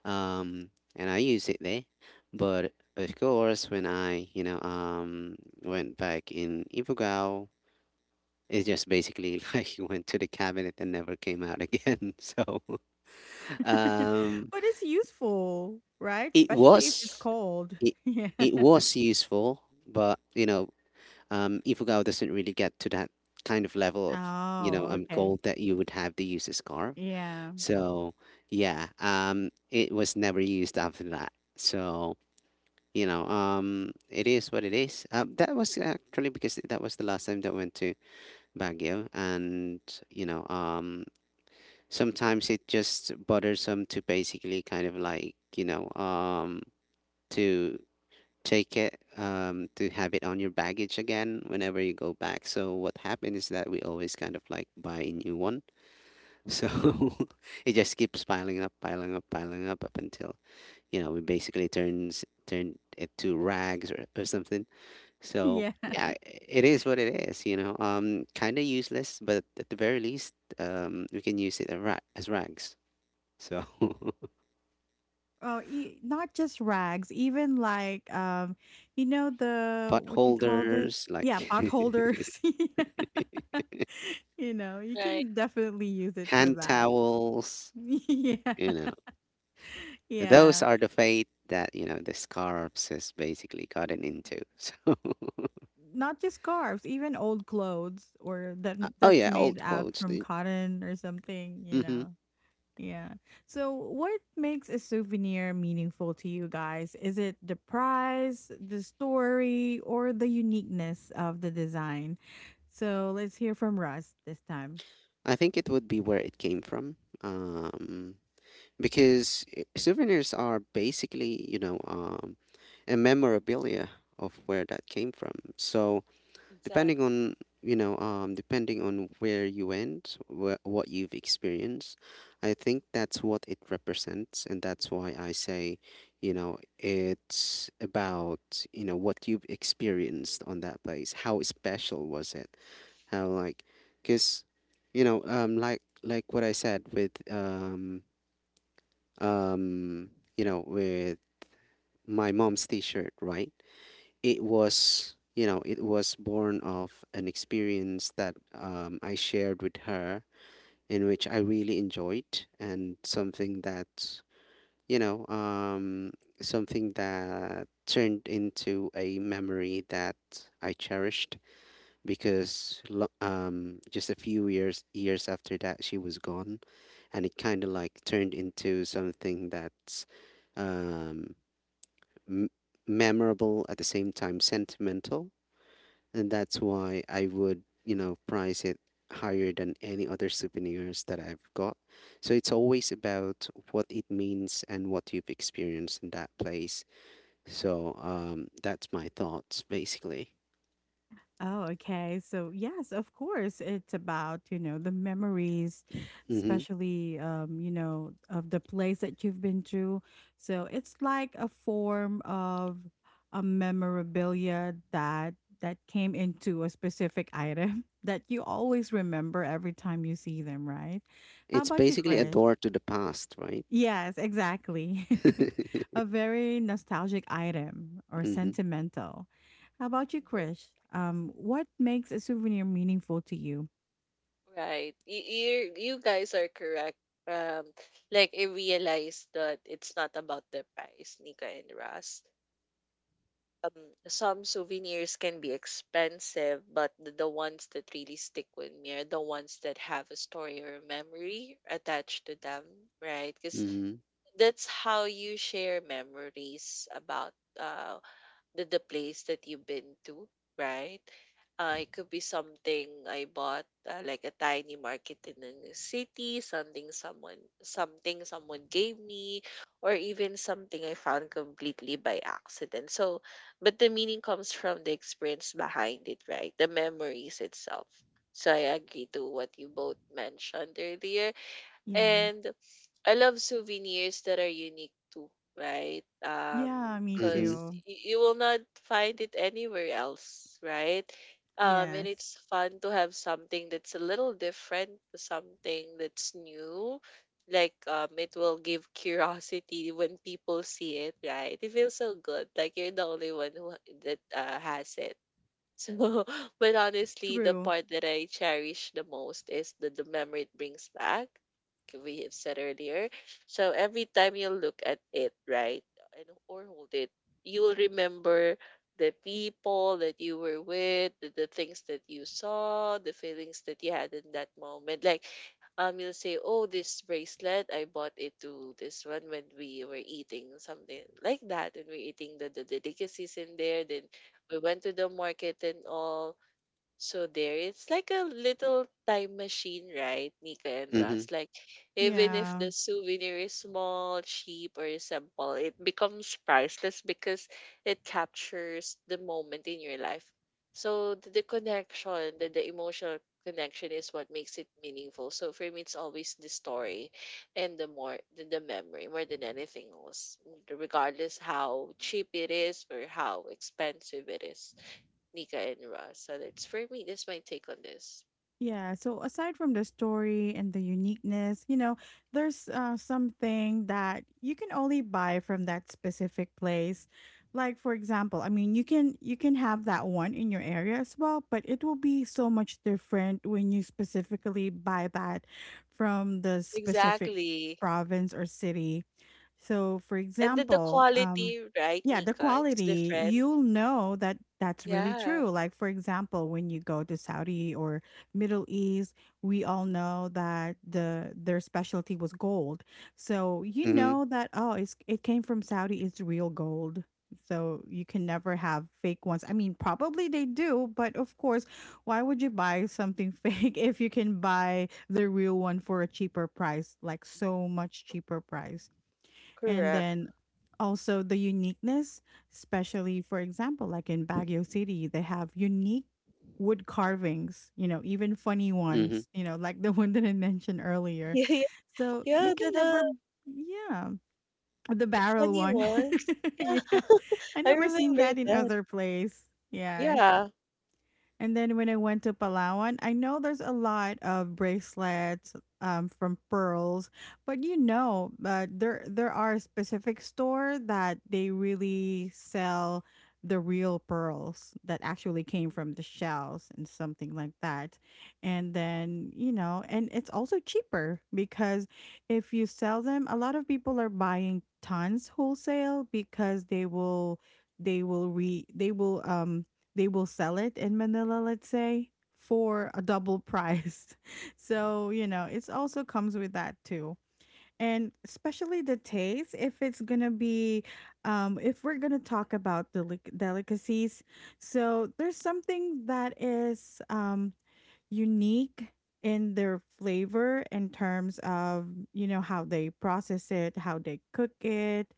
Speaker 2: Um, and I use it there, but of course when I, you know um went back in Ifugao, it just basically like went to the cabinet and never came out again. So um,
Speaker 1: But it's useful, right?
Speaker 2: it
Speaker 1: Especially if it's
Speaker 2: was
Speaker 1: cold.
Speaker 2: it
Speaker 1: Yeah.
Speaker 2: it was useful, but you know, um, Ifugao doesn't really get to that kind of level of, you know
Speaker 1: Oh,
Speaker 2: um
Speaker 1: okay.
Speaker 2: gold that you would have to use a scarf.
Speaker 1: Yeah.
Speaker 2: So yeah, um, it was never used after that. So you know, um, it is what it is. Uh, that was actually because that was the last time that I went to Baguio, and you know, um, sometimes it just bothersome to basically kind of like, you know um to take it um, to have it on your baggage again whenever you go back. So what happened is that we always kind of like buy a new one. So it just keeps piling up, piling up, piling up up until, you know, we basically turns turn it to rags or, or something. So
Speaker 1: Yeah.
Speaker 2: yeah, it is what it is. You know, um, kind of useless, but at the very least, um, we can use it as, ra- as rags. So
Speaker 1: Oh, e- not just rags, even like um, you know the
Speaker 2: pot
Speaker 1: what you called it?
Speaker 2: holders,
Speaker 1: Yeah,
Speaker 2: like
Speaker 1: pot holders. Yeah. You know, you
Speaker 3: Right.
Speaker 1: can definitely use it for
Speaker 2: hand
Speaker 1: that.
Speaker 2: towels,
Speaker 1: Yeah,
Speaker 2: you know. Those
Speaker 1: yeah.
Speaker 2: are the fate that, you know, the scarves has basically gotten into. So,
Speaker 1: Not just scarves, even old clothes or that
Speaker 2: uh, oh
Speaker 1: that's
Speaker 2: yeah,
Speaker 1: made
Speaker 2: old
Speaker 1: out
Speaker 2: clothes.
Speaker 1: from cotton or something. You
Speaker 2: Mm-hmm.
Speaker 1: know, yeah. So, what makes a souvenir meaningful to you guys? Is it the price, the story, or the uniqueness of the design? So, let's hear from Russ this time.
Speaker 2: I think it would be where it came from. Um, because i- souvenirs are basically, you know um, a memorabilia of where that came from. So depending
Speaker 3: Exactly.
Speaker 2: on, you know um depending on where you went, wh- what you've experienced, I think that's what it represents. And that's why I say, you know, it's about, you know, what you've experienced on that place, how special was it, how like, because you know, um like like what I said with um um you know, with my mom's t-shirt, right? It was, you know, it was born of an experience that, um, I shared with her, in which I really enjoyed, and something that, you know, um, something that turned into a memory that I cherished, because lo- um, just a few years years after that she was gone. And it kind of like turned into something that's um, m- memorable, at the same time sentimental. And that's why I would, you know, price it higher than any other souvenirs that I've got. So it's always about what it means and what you've experienced in that place. So um, that's my thoughts basically.
Speaker 1: Oh, okay. So yes, of course, it's about, you know, the memories,
Speaker 2: Mm-hmm.
Speaker 1: especially um, you know, of the place that you've been through. So it's like a form of a memorabilia that that came into a specific item that you always remember every time you see them, right? How
Speaker 2: It's
Speaker 1: about you,
Speaker 2: basically a
Speaker 1: Chris?
Speaker 2: door to the past, right?
Speaker 1: Yes, exactly.
Speaker 2: mm-hmm.
Speaker 1: A very nostalgic item or sentimental. How about you,
Speaker 3: Mm-hmm.
Speaker 1: Krish? Um, what makes a souvenir meaningful to you?
Speaker 3: Right. You, you, you guys are correct. Um, like I realized that it's not about the price, Nika and Ras. Um, some souvenirs can be expensive, but the, the ones that really stick with me are the ones that have a story or a memory attached to them, right? Because
Speaker 2: Mm-hmm.
Speaker 3: that's how you share memories about uh the, the place that you've been to, right? Uh, it could be something I bought, uh, like a tiny market in a new city, something someone something someone gave me, or even something I found completely by accident. So, but the meaning comes from the experience behind it, right? The memories itself. So I agree to what you both mentioned earlier,
Speaker 1: Yeah.
Speaker 3: and I love souvenirs that are unique too, right? Um,
Speaker 1: Yeah, me
Speaker 2: Mm-hmm.
Speaker 3: cause
Speaker 1: too.
Speaker 3: you will not find it anywhere else, right? Um, and
Speaker 1: Yes.
Speaker 3: it's fun to have something that's a little different, something that's new. Like, um, it will give curiosity when people see it, right? It feels so good. Like you're the only one who that uh, has it. So, but honestly, the
Speaker 1: True.
Speaker 3: part that I cherish the most is the, the memory it brings back. Like we have said earlier. So every time you look at it, right, and or hold it, you will remember the people that you were with, the, the things that you saw, the feelings that you had in that moment. Like, um, you'll say, "Oh, this bracelet, I bought it to this one when we were eating something like that, and we're eating the the delicacies in there." Then we went to the market and all. So there, it's like a little time machine, right, Nika and
Speaker 2: Mm-hmm.
Speaker 3: Russ? Like, even if
Speaker 1: Yeah.
Speaker 3: the souvenir is small, cheap, or simple, it becomes priceless because it captures the moment in your life. So the, the connection, the, the emotional connection is what makes it meaningful. So for me, it's always the story and the more the, the memory more than anything else, regardless how cheap it is or how expensive it is. Nika and Ross. So that's for me. That's my take on this.
Speaker 1: Yeah, so aside from the story and the uniqueness, you know, there's uh, something that you can only buy from that specific place. Like for example, I mean, you can you can have that one in your area as well, but it will be so much different when you specifically buy that from the specific
Speaker 3: Exactly.
Speaker 1: province or city. So, for
Speaker 3: And then the
Speaker 1: example, um
Speaker 3: quality, right,
Speaker 1: yeah, the
Speaker 3: Nika? It's
Speaker 1: quality,
Speaker 3: different.
Speaker 1: you'll know that that's really
Speaker 3: Yeah,
Speaker 1: true. Like for example, when you go to Saudi or Middle East, we all know that the their specialty was gold. So you
Speaker 2: Mm-hmm.
Speaker 1: know that oh, it's it came from Saudi, it's real gold. So you can never have fake ones. I mean, probably they do, but of course, why would you buy something fake if you can buy the real one for a cheaper price, like so much cheaper price? And
Speaker 3: correct.
Speaker 1: then also the uniqueness, especially for example like in Baguio City, they have unique wood carvings, you know, even funny
Speaker 2: Mm-hmm.
Speaker 1: ones, you know, like the one that I mentioned earlier.
Speaker 3: Yeah,
Speaker 1: So you
Speaker 3: yeah, yeah.
Speaker 1: can
Speaker 3: The, the
Speaker 1: never, yeah, the
Speaker 3: the
Speaker 1: barrel
Speaker 3: funny
Speaker 1: one.
Speaker 3: ones. Yeah,
Speaker 1: Yeah, I
Speaker 3: I
Speaker 1: never seen
Speaker 3: remember
Speaker 1: that in
Speaker 3: that.
Speaker 1: other place, yes.
Speaker 3: Yeah,
Speaker 1: And then when I went to Palawan, I know there's a lot of bracelets um, from pearls, but you know, but there there are specific store that they really sell the real pearls that actually came from the shells and something like that. And then, you know, and it's also cheaper because if you sell them, a lot of people are buying tons wholesale because they will they will re they will um they will sell it in Manila, let's say, for a double price. So, you know, it's also comes with that too. And especially the taste, if it's gonna be, um, if we're gonna talk about delic- delicacies, so there's something that is um, unique in their flavor in terms of, you know, how they process it, how they cook it,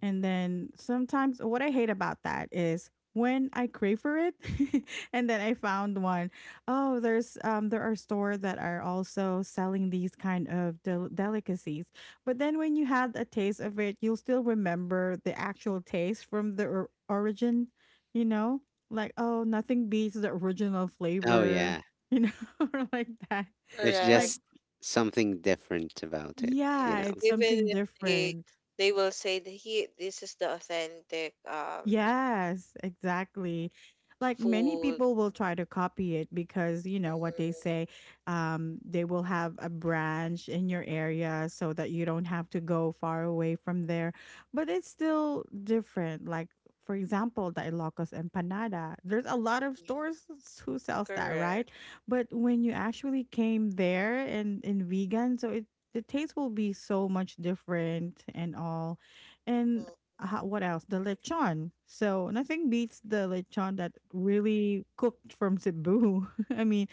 Speaker 1: and then sometimes what I hate about that is when I crave for it and then I found one. Oh, there's um there are stores that are also selling these kind of del- delicacies. But then when you had a taste of it, you'll still remember the actual taste from the or- origin, you know? Like, oh, nothing beats the original
Speaker 2: Oh
Speaker 1: flavor,
Speaker 2: yeah.
Speaker 1: you know, or like that.
Speaker 2: There's
Speaker 1: Like,
Speaker 3: correct.
Speaker 2: just something different about it, you
Speaker 1: yeah,
Speaker 3: Yes.
Speaker 2: know.
Speaker 1: it's
Speaker 3: Even
Speaker 1: something
Speaker 3: if they
Speaker 1: different.
Speaker 3: they will say that he this is the authentic um
Speaker 1: Yes, exactly. Like many
Speaker 3: food.
Speaker 1: people will try to copy it because you know what they
Speaker 3: Mhm.
Speaker 1: say, um, they will have a branch in your area so that you don't have to go far away from there. But it's still different. Like for example, the Ilocos empanada. There's a lot of
Speaker 3: Yeah.
Speaker 1: stores s- who sells that, right?
Speaker 3: Correct.
Speaker 1: But when you actually came there and in vegan, so it the taste will be so much different and all. And
Speaker 3: Mm,
Speaker 1: ha- what else? The lechon. So nothing beats the lechon that really cooked from Cebu. I mean,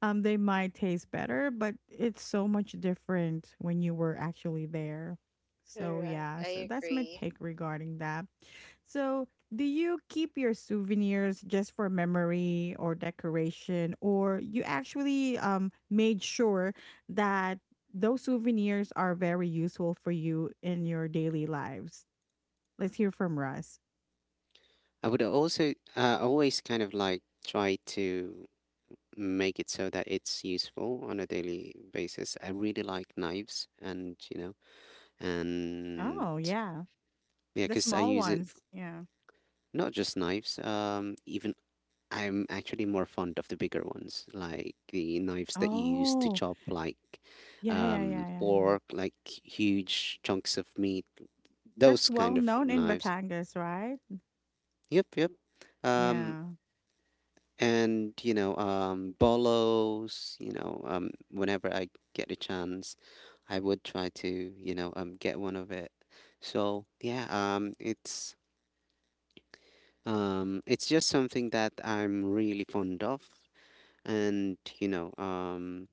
Speaker 1: um, they might taste better, but it's so much different when you were actually there. So
Speaker 3: correct.
Speaker 1: yeah, so
Speaker 3: I
Speaker 1: that's my
Speaker 3: agree.
Speaker 1: take regarding that. So do you keep your souvenirs just for memory or decoration, or you actually um made sure that those souvenirs are very useful for you in your daily lives? Let's hear from Russ.
Speaker 2: I would also uh, always kind of like try to make it so that it's useful on a daily basis. I really like knives and, you know, and
Speaker 1: Oh, yeah.
Speaker 2: yeah,
Speaker 1: The
Speaker 2: because I
Speaker 1: small
Speaker 2: use it f-
Speaker 1: ones. Yeah.
Speaker 2: not just knives, um, even I'm actually more fond of the bigger ones, like the knives that you use to
Speaker 1: Oh,
Speaker 2: chop like
Speaker 1: yeah, yeah,
Speaker 2: um
Speaker 1: yeah, yeah, yeah.
Speaker 2: pork, like huge chunks of meat,
Speaker 1: That's
Speaker 2: those
Speaker 1: well
Speaker 2: kind of
Speaker 1: known in
Speaker 2: knives.
Speaker 1: Batangas, right?
Speaker 2: Yep, yep. Um
Speaker 1: Yeah,
Speaker 2: and you know um bolos, you know um whenever I get a chance, I would try to you know um get one of it. So yeah, um it's um it's just something that I'm really fond of. And you know um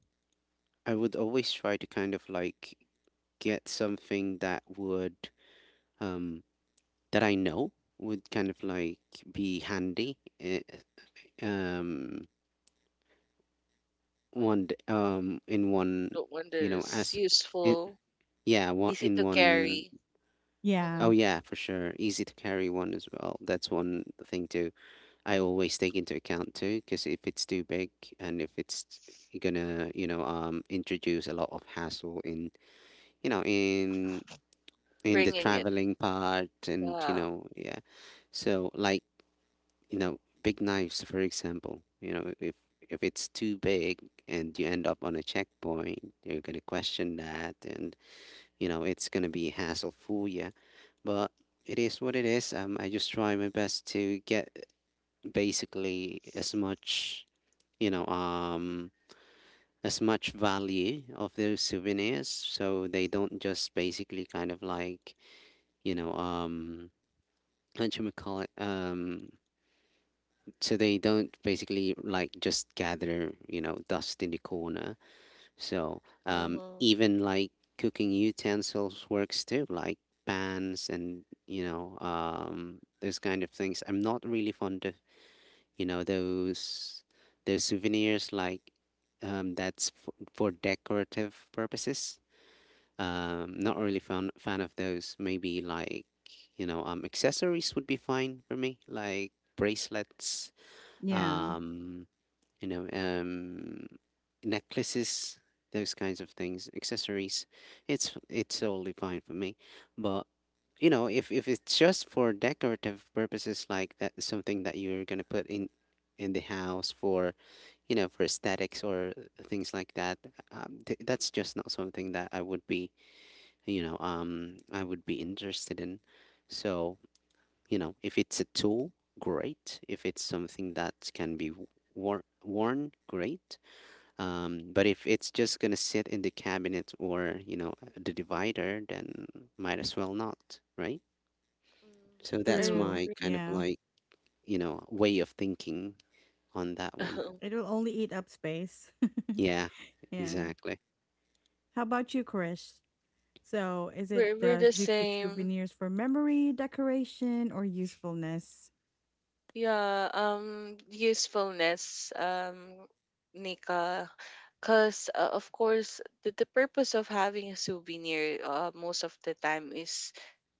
Speaker 2: I would always try to kind of like get something that would um that I know would kind of like be handy, eh, um one d- um in one,
Speaker 3: The one that
Speaker 2: you know
Speaker 3: is
Speaker 2: as in,
Speaker 3: useful.
Speaker 2: yeah, one
Speaker 3: Easy
Speaker 2: in
Speaker 3: to
Speaker 2: one.
Speaker 3: carry.
Speaker 2: Oh
Speaker 1: yeah,
Speaker 3: Mhm.
Speaker 2: yeah, for sure, easy to carry one as well, that's one thing too. I always take into account too because if it's too big and if it's gonna you know um introduce a lot of hassle in you know in in the
Speaker 3: Bringing it.
Speaker 2: traveling part. And you
Speaker 3: Yeah.
Speaker 2: know, yeah. So like, you know, big knives, for example, you know, if if it's too big and you end up on a checkpoint, you're gonna question that, and you know, it's gonna be hassle for you. But it is what it is. Um, I just try my best to get basically as much, you know, um, as much value of those souvenirs, so they don't just basically kind of like, you know, um, how do you call it? Um, So they don't basically like just gather, you know, dust in the corner. So um
Speaker 3: Mhm.
Speaker 2: even like cooking utensils works too, like pans and you know um those kind of things. I'm not really fond of, you know, those those souvenirs like, um that's for, for decorative purposes. Um not really fan fan of those. Maybe like, you know um accessories would be fine for me, like bracelets,
Speaker 1: yeah.
Speaker 2: um you know, um, necklaces, those kinds of things, accessories. It's it's totally fine for me. But you know, if if it's just for decorative purposes, like that, something that you're gonna put in in the house for, you know, for aesthetics or things like that, um, th- that's just not something that I would be, you know, um, I would be interested in. So you know, if it's a tool, great. If it's something that can be wor- worn, great. Um, but if it's just gonna sit in the cabinet or, you know, the divider, then might as well not, right? So
Speaker 3: Mhm. I
Speaker 2: that's
Speaker 1: True.
Speaker 2: my
Speaker 3: agree.
Speaker 2: kind of
Speaker 1: Yeah.
Speaker 2: like, you know, way of thinking on that one.
Speaker 1: It will only eat up space.
Speaker 2: Yeah,
Speaker 1: yeah.
Speaker 2: exactly.
Speaker 1: How about you, Krish? So, is it
Speaker 3: We're we're
Speaker 1: does
Speaker 3: the
Speaker 1: do you keep
Speaker 3: same.
Speaker 1: souvenirs for memory, decoration, or usefulness?
Speaker 3: Yeah, um usefulness, um Nika. Cause uh, of course the, the purpose of having a souvenir uh, most of the time is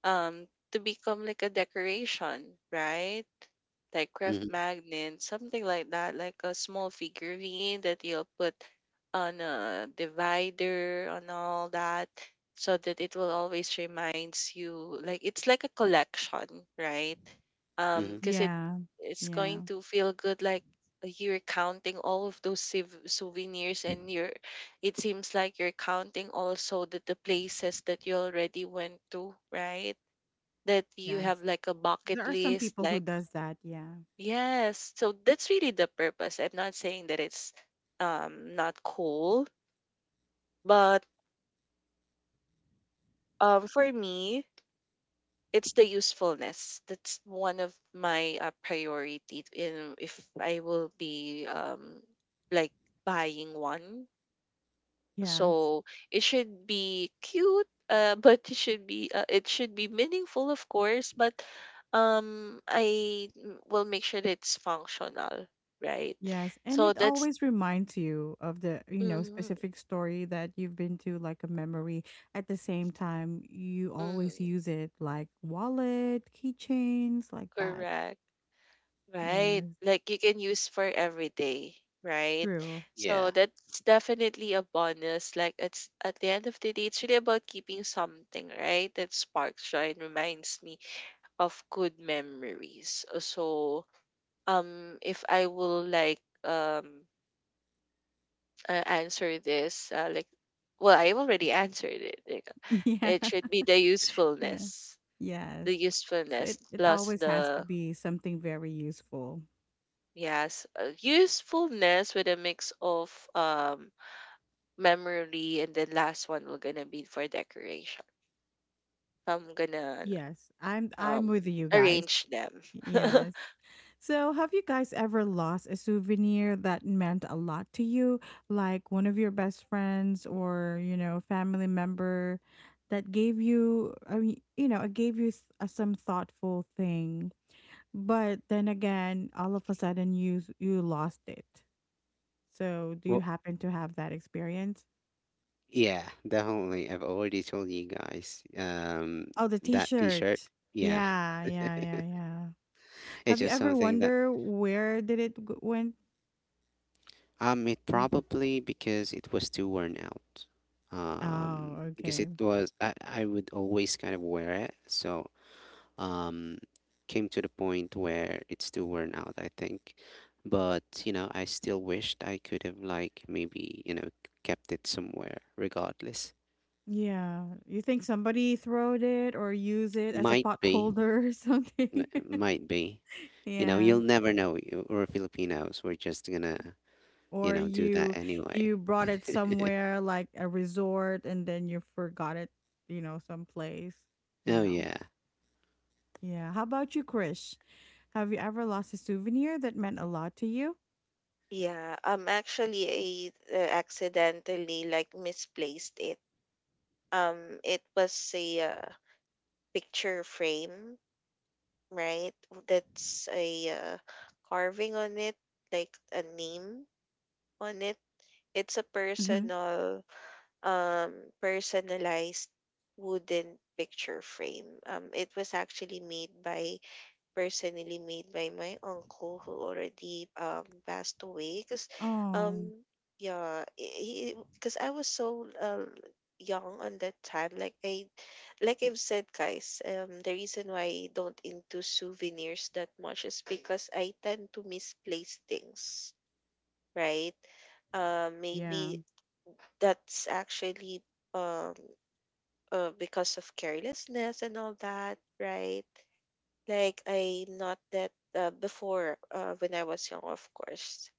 Speaker 3: um to become like a decoration, right? Like craft
Speaker 2: Hmm.
Speaker 3: magnet, something like that, like a small figurine that you'll put on a divider on all that so that it will always reminds you like it's like a collection, right? Um
Speaker 2: Hmm.
Speaker 3: because it
Speaker 1: Yeah,
Speaker 3: it's
Speaker 1: yeah,
Speaker 3: going to feel good like you're counting all of those siv- souvenirs and you're it seems like you're counting also that the places that you already went to, right? That you
Speaker 1: yes.
Speaker 3: have like a bucket
Speaker 1: There are some
Speaker 3: list
Speaker 1: people who
Speaker 3: like
Speaker 1: does that. Yeah,
Speaker 3: yes so that's really the purpose. I'm not saying that it's um not cool, but um for me it's the usefulness. That's one of my uh, priority in if I will be um like buying one.
Speaker 1: yes.
Speaker 3: So it should be cute, uh, but it should be uh, it should be meaningful, of course. But um, I m- will make sure that it's functional, right?
Speaker 1: Yes, and
Speaker 3: So
Speaker 1: it
Speaker 3: that's
Speaker 1: always reminds you of the, you know,
Speaker 3: mm,
Speaker 1: specific story that you've been to, like a memory. At the same time, you always
Speaker 3: mm,
Speaker 1: use it like wallet, keychains, like that.
Speaker 3: correct, right?
Speaker 1: Yes,
Speaker 3: Like you can use for every day, right?
Speaker 1: true.
Speaker 2: Yeah.
Speaker 3: So that's definitely a bonus. Like it's at the end of the day, it's really about keeping something, right? That sparks joy and reminds me of good memories. Uh, So um if I will like um uh, answer this uh, like, well I already answered it, like
Speaker 1: Yeah,
Speaker 3: it should be the
Speaker 1: yeah,
Speaker 3: usefulness,
Speaker 1: yes.
Speaker 3: the
Speaker 1: So
Speaker 3: usefulness
Speaker 1: it, it
Speaker 3: plus
Speaker 1: always has to
Speaker 3: the
Speaker 1: be something very useful.
Speaker 3: yes uh, usefulness with a mix of um memory, and then last one will gonna be for decoration. So, I'm gonna
Speaker 1: Yes, I'm I'm
Speaker 3: um
Speaker 1: with you guys.
Speaker 3: arrange them.
Speaker 1: Yes. So, have you guys ever lost a souvenir that meant a lot to you, like one of your best friends or, you know, family member that gave you, I mean, you know, it gave you s- uh, some thoughtful thing, but then again, all of a sudden you s- you lost it. So, do you
Speaker 2: Well,
Speaker 1: happen to have that experience?
Speaker 2: yeah, definitely. I've already told you guys, um,
Speaker 1: Oh, the
Speaker 2: that t-shirt.
Speaker 1: t-shirt.
Speaker 2: Yeah,
Speaker 1: Yeah, yeah, yeah, yeah.
Speaker 2: it's
Speaker 1: Have you
Speaker 2: just
Speaker 1: ever
Speaker 2: something that.
Speaker 1: wonder where did it g- went?
Speaker 2: Um, it
Speaker 1: Mm.
Speaker 2: probably because it was too worn out. Um,
Speaker 1: Oh,
Speaker 2: because
Speaker 1: okay.
Speaker 2: it was, I, I would always kind of wear it, so um, came to the point where it's too worn out, I think. But you know, I still wished I could have like, maybe, you know, kept it somewhere regardless.
Speaker 1: Yeah. You think somebody throwed it or use it as a
Speaker 2: Might
Speaker 1: pot
Speaker 2: be,
Speaker 1: holder or
Speaker 2: n-
Speaker 1: something?
Speaker 2: might be. You know,
Speaker 1: Yeah.
Speaker 2: you'll never know. You- We're Filipinos. We're just gonna, you
Speaker 1: Or
Speaker 2: know, do that
Speaker 1: you
Speaker 2: anyway.
Speaker 1: you brought it somewhere like a resort and then you forgot it, you know, someplace, you
Speaker 2: Oh
Speaker 1: know.
Speaker 2: yeah.
Speaker 1: Yeah. How about you, Krish? Have you ever lost a souvenir that meant a lot to you?
Speaker 3: Yeah, um, actually, I uh, accidentally like misplaced it. Um, it was a uh, picture frame, right? That's a uh, carving on it, like a name on it. It's a
Speaker 1: Mm-hmm.
Speaker 3: personal, um, personalized wooden picture frame. Um, it was actually made by personally made by my uncle who already um passed away because
Speaker 1: Oh,
Speaker 3: um yeah he because I was so uh, young on that time, like I like I've said guys, um the reason why I don't into souvenirs that much is because I tend to misplace things, right? uh,
Speaker 1: yeah.
Speaker 3: maybe that's actually um uh, because of carelessness and all that, right? Like I'm not that uh, before uh, when I was young, of course.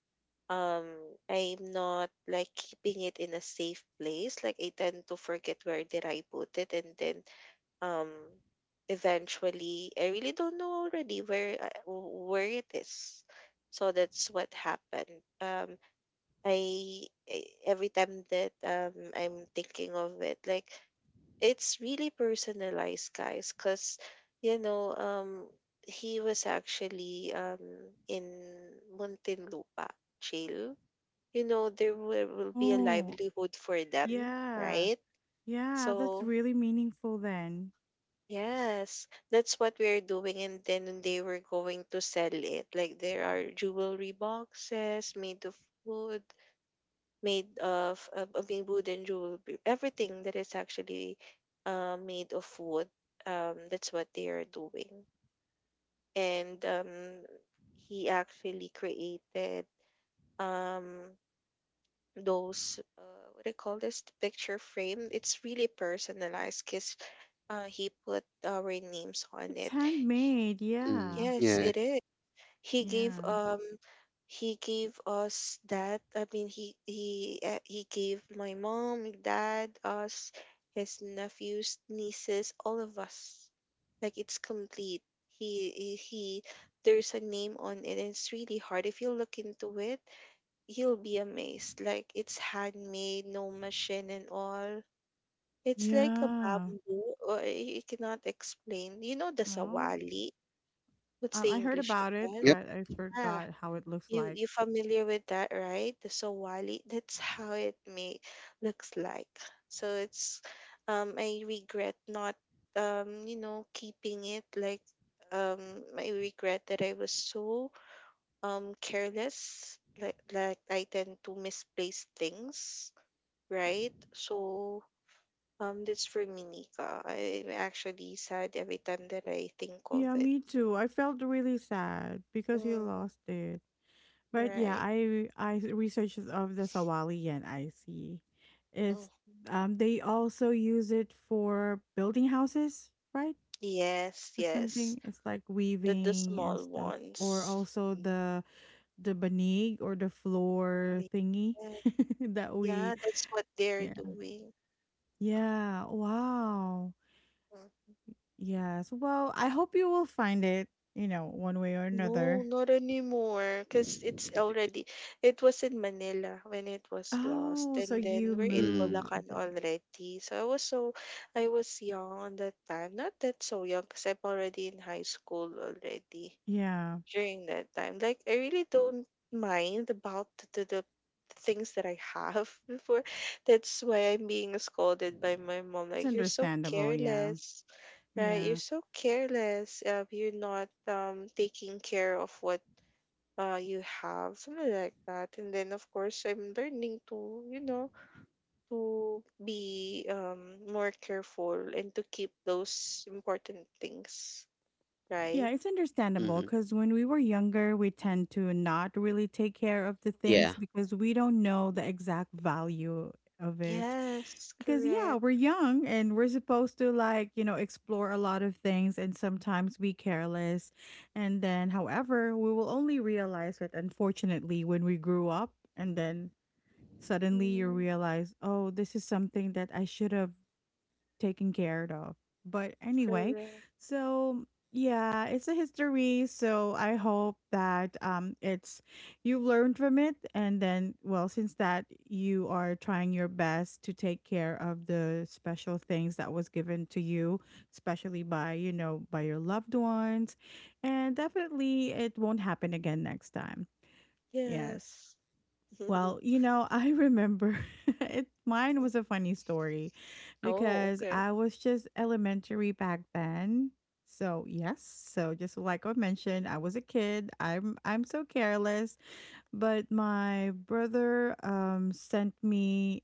Speaker 3: Um, I'm not like keeping it in a safe place. Like I tend to forget where did I put it, and then um, eventually I really don't know already where I- where it is. So that's what happened. Um, I I- every time that um I'm thinking of it, like it's really personalized guys because you know um he was actually um in Muntinlupa jail. You know there will, will be a
Speaker 1: Oh,
Speaker 3: livelihood for them,
Speaker 1: yeah.
Speaker 3: right?
Speaker 1: Yeah, that's
Speaker 3: So
Speaker 1: really meaningful then.
Speaker 3: yes that's what we're doing, and then they were going to sell it. Like there are jewelry boxes made of wood, made of of of a wooden jewelry, everything that is actually uh, made of wood. Um, that's what they are doing, and um, he actually created um those uh, what do you call this picture frame. It's really personalized because uh, he put our names on
Speaker 1: It's
Speaker 3: it. He-
Speaker 1: handmade,
Speaker 2: Mm,
Speaker 1: yeah.
Speaker 3: Yes,
Speaker 2: yeah.
Speaker 3: it is. He gave
Speaker 1: Yeah.
Speaker 3: um he gave us that. I mean he he uh, he gave my mom dad us his nephews nieces all of us, like it's complete. he he he- there's a name on it, and it's really hard if you look into it you'll be amazed, like it's handmade, no machine and all. It's like a
Speaker 1: Yeah.
Speaker 3: bamboo or eh, you cannot explain, you know, the
Speaker 1: Well,
Speaker 3: sawali. What's the
Speaker 1: I I heard
Speaker 3: english of
Speaker 1: about it,
Speaker 3: that?
Speaker 2: Yep.
Speaker 1: but I
Speaker 3: Yeah,
Speaker 1: forgot how it looks
Speaker 3: you
Speaker 1: like.
Speaker 3: you familiar with that, right? The Sawali, that's how it may looks like. So it's um I regret not um you know keeping it, like um I regret that I was so um careless, like like I tend to misplace things, right? So um that's for me, Nika. I'm actually sad every time that I think of
Speaker 1: Yeah,
Speaker 3: it.
Speaker 1: me too. I felt really sad because you
Speaker 3: Mm,
Speaker 1: lost it. But yeah,
Speaker 3: right.
Speaker 1: I I researched of the Sawalian icy. It's
Speaker 3: Mm.
Speaker 1: um They also use it for building houses, right?
Speaker 3: Yes,
Speaker 1: Or
Speaker 3: yes.
Speaker 1: something. It's like
Speaker 3: The the
Speaker 1: weaving and
Speaker 3: small
Speaker 1: stuff. Or
Speaker 3: ones.
Speaker 1: also
Speaker 3: Mm,
Speaker 1: the the banig or the floor thingy
Speaker 3: yeah,
Speaker 1: that
Speaker 3: yeah,
Speaker 1: we
Speaker 3: that's what they're
Speaker 1: yeah.
Speaker 3: doing.
Speaker 1: Yeah. Wow.
Speaker 3: Mm.
Speaker 1: Yes. Well, I hope you will find it, you know, one way or
Speaker 3: No,
Speaker 1: another.
Speaker 3: not anymore. Cause it's already it was in Manila when it was lost,
Speaker 1: Oh, so
Speaker 3: and then
Speaker 1: you
Speaker 3: we're in
Speaker 2: Mm-hmm.
Speaker 1: moved.
Speaker 3: Bulacan already. So I was so I was young on that time. Not that so young, cause I'm already in high school already
Speaker 1: Yeah.
Speaker 3: during that time. Like I really don't mind about the, the things that I have before. That's why I'm being scolded by my mom.
Speaker 1: It's
Speaker 3: Like you're so
Speaker 1: understandable. Yeah.
Speaker 3: careless, right?
Speaker 1: Yeah.
Speaker 3: You're so careless. Uh, you're not um taking care of what uh you have, something like that. And then of course I'm learning to you know to be um more careful and to keep those important things, right?
Speaker 1: Yeah, it's understandable
Speaker 2: Mm-hmm.
Speaker 1: because when we were younger, we tend to not really take care of the
Speaker 2: Yeah.
Speaker 1: things because we don't know the exact value of it.
Speaker 3: Yes,
Speaker 1: Because, yeah,
Speaker 3: correct.
Speaker 1: we're young and we're supposed to, like, you know, explore a lot of things and sometimes be careless. And then, however, we will only realize it, unfortunately, when we grew up. And then suddenly you realize, oh, this is something that I should have taken care of. But anyway,
Speaker 3: Correct.
Speaker 1: so yeah, it's a history. So I hope that um, it's you learned from it, and then well, since that you are trying your best to take care of the special things that was given to you, especially by you know by your loved ones, and definitely it won't happen again next time. Yes.
Speaker 3: Yes.
Speaker 1: Well, you know, I remember it mine was a funny story
Speaker 3: Oh,
Speaker 1: because
Speaker 3: okay.
Speaker 1: I was just elementary back then. So, yes. So, just like I mentioned, I was a kid. I'm I'm so careless, but my brother um sent me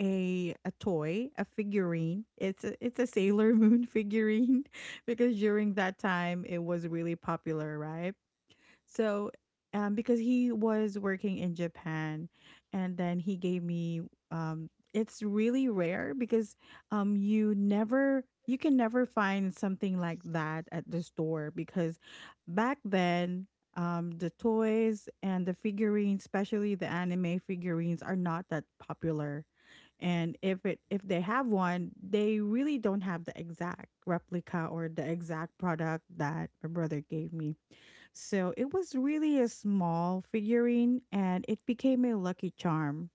Speaker 1: a a toy, a figurine. It's a, it's a Sailor Moon figurine because during that time it was really popular, right? So, um, because he was working in Japan, and then he gave me, um, it's really rare because um, you never you can never find something like that at the store because back then, um, the toys and the figurines, especially the anime figurines, are not that popular. And if it if they have one, they really don't have the exact replica or the exact product that my brother gave me. So it was really a small figurine and it became a lucky charm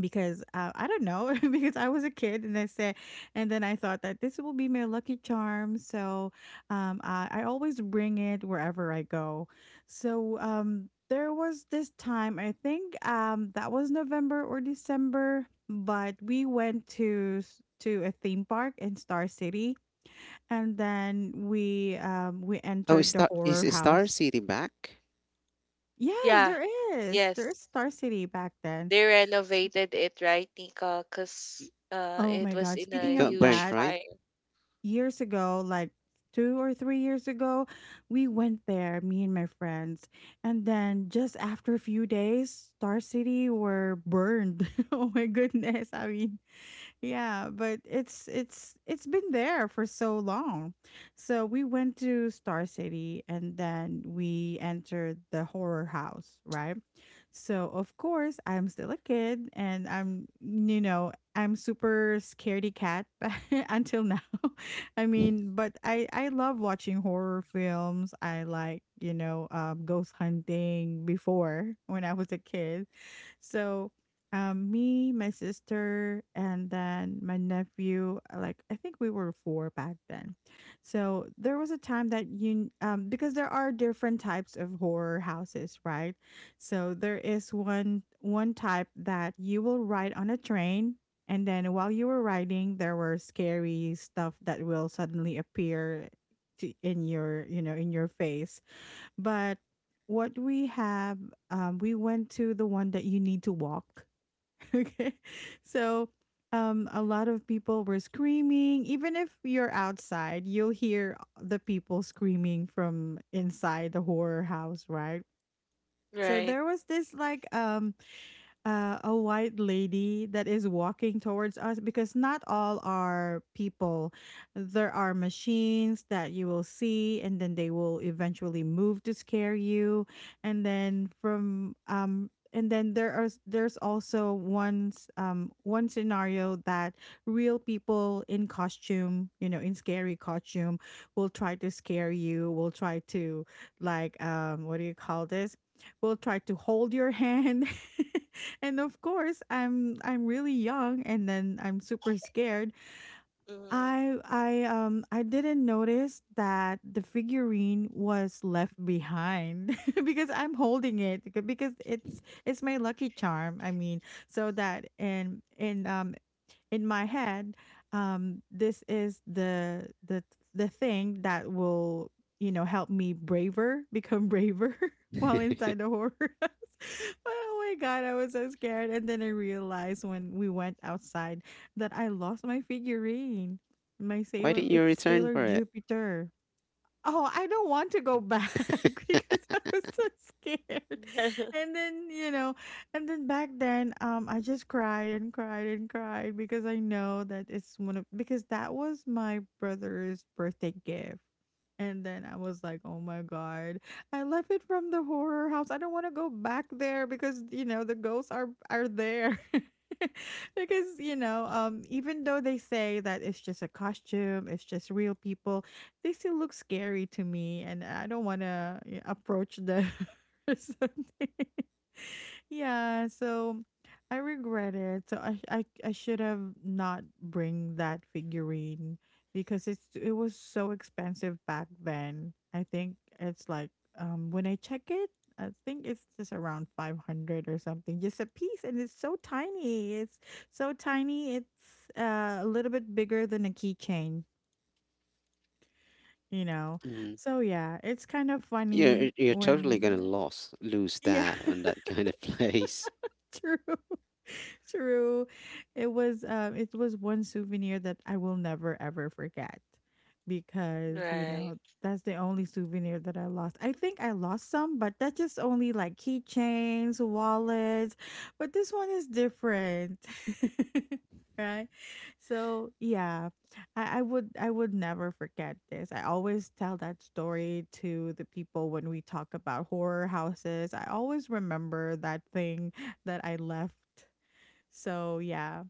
Speaker 1: because uh, I don't know because I was a kid and I said and then I thought that this will be my lucky charm. So um, I, I always bring it wherever I go. So um, there was this time I think, um, that was November or December but we went to s- to a theme park in Star City and then we um, we
Speaker 2: Oh, is
Speaker 1: entered the
Speaker 2: Star, is
Speaker 1: horror
Speaker 2: is Star
Speaker 1: house.
Speaker 2: City back?
Speaker 1: Yes,
Speaker 3: Yeah,
Speaker 1: there is. There
Speaker 3: yes.
Speaker 1: is Star City back then.
Speaker 3: They renovated it, right, Nika?
Speaker 1: Y-
Speaker 3: Because uh,
Speaker 1: Oh
Speaker 3: it
Speaker 1: my
Speaker 3: was
Speaker 1: God.
Speaker 3: in
Speaker 2: It
Speaker 3: a
Speaker 1: Speaking
Speaker 2: got
Speaker 1: of
Speaker 3: huge
Speaker 2: burnt,
Speaker 1: that,
Speaker 2: right?
Speaker 3: fire.
Speaker 1: years ago, like two or three years ago, we went there, me and my friends. And then just after a few days, Star City were burned. Oh my goodness. I mean, yeah, but it's it's it's been there for so long. So we went to Star City and then we entered the horror house, right? So of course, I'm still a kid and I'm you know, I'm super scaredy cat but until now. I mean, but I I love watching horror films. I like, you know, um ghost hunting before when I was a kid. So um me, my sister, and then my nephew, uh, like I think we were four back then. So there was a time that you um because there are different types of horror houses, right? So there is one one type that you will ride on a train, and then while you were riding there were scary stuff that will suddenly appear to, in your you know in your face. But what we have, um, we went to the one that you need to walk. Okay. So um, a lot of people were screaming. Even if you're outside, you'll hear the people screaming from inside the horror house, right? So
Speaker 3: Right.
Speaker 1: there was this like um uh, a white lady that is walking towards us because not all are people. There are machines that you will see, and then they will eventually move to scare you. And then from um, and then there are there's also one's um one scenario that real people in costume, you know, in scary costume, will try to scare you. Will try to like um what do you call this? Will try to hold your hand. And of course i'm i'm really young and then I'm super scared.
Speaker 3: Mm.
Speaker 1: I i um i didn't notice that the figurine was left behind because I'm holding it beca- because it's it's my lucky charm, I mean, so that in in um in my head, um this is the the the thing that will you know help me braver become braver while inside the horror house. But oh my God, I was so scared and then I realized when we went outside that I lost my figurine, my
Speaker 2: Why
Speaker 1: sailor
Speaker 2: didn't you
Speaker 1: it's
Speaker 2: return
Speaker 1: Sailor
Speaker 2: for it?
Speaker 1: Jupiter. Oh, I don't want to go back because I was so scared. And then, you know, and then back then, um, I just cried and cried and cried because I know that it's one of because that was my brother's birthday gift. And then I was like, oh my God, I left it from the horror house. I don't want to go back there because, you know, the ghosts are are there. Because, you know, um, even though they say that it's just a costume, it's just real people, they still look scary to me and I don't want to approach them or something. Yeah, so I regret it. So I I I should have not bring that figurine because it's it was so expensive back then. I think it's like um when I check it, I think it's just around five hundred or something just a piece and it's so tiny. It's so tiny. It's uh, a little bit bigger than a keychain, you know?
Speaker 2: Mm.
Speaker 1: So yeah, it's kind of funny
Speaker 2: You're you're totally gonna
Speaker 1: when
Speaker 2: lose lose
Speaker 1: yeah.
Speaker 2: that on that kind of place.
Speaker 1: True. True. It was um it was one souvenir that I will never ever forget because, you
Speaker 3: Right.
Speaker 1: know, that's the only souvenir that I lost. I think I lost some, but that's just only like keychains, wallets, but this one is different. right? So, yeah. I, I would I would never forget this. I always tell that story to the people when we talk about horror houses. I always remember that thing that I left. So, yeah.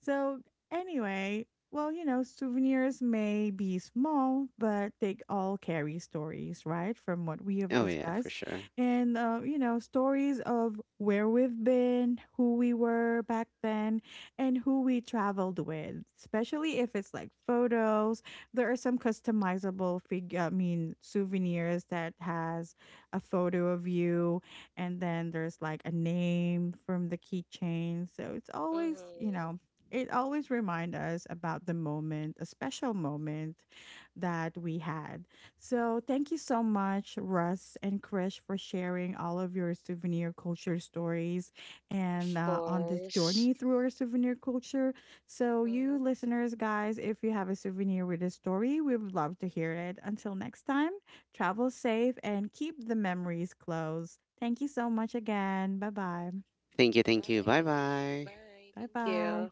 Speaker 1: So, anyway, well, you know, souvenirs may be small, but they all carry stories, right? From what we have
Speaker 2: Oh yeah, for
Speaker 1: discussed.
Speaker 2: sure.
Speaker 1: And, uh, you know, stories of where we've been, who we were back then, and who we traveled with, especially if it's like photos. There are some customizable figure, I mean, souvenirs that has a photo of you and then there's like a name from the keychain. So it's always, you
Speaker 3: Mm.
Speaker 1: know, it always remind us about the moment, a special moment that we had. So thank you so much, Russ and Krish, for sharing all of your souvenir culture stories
Speaker 3: Of
Speaker 1: and uh, on this
Speaker 3: course.
Speaker 1: journey through our souvenir culture. So you
Speaker 3: Mm-hmm.
Speaker 1: listeners, guys, if you have a souvenir with a story, we would love to hear it. Until next time, travel safe and keep the memories close. Thank you so much again. Bye bye.
Speaker 2: Thank you,
Speaker 3: Bye.
Speaker 2: thank you. Bye bye.
Speaker 3: Bye.
Speaker 1: Bye
Speaker 3: Thank you.
Speaker 1: bye.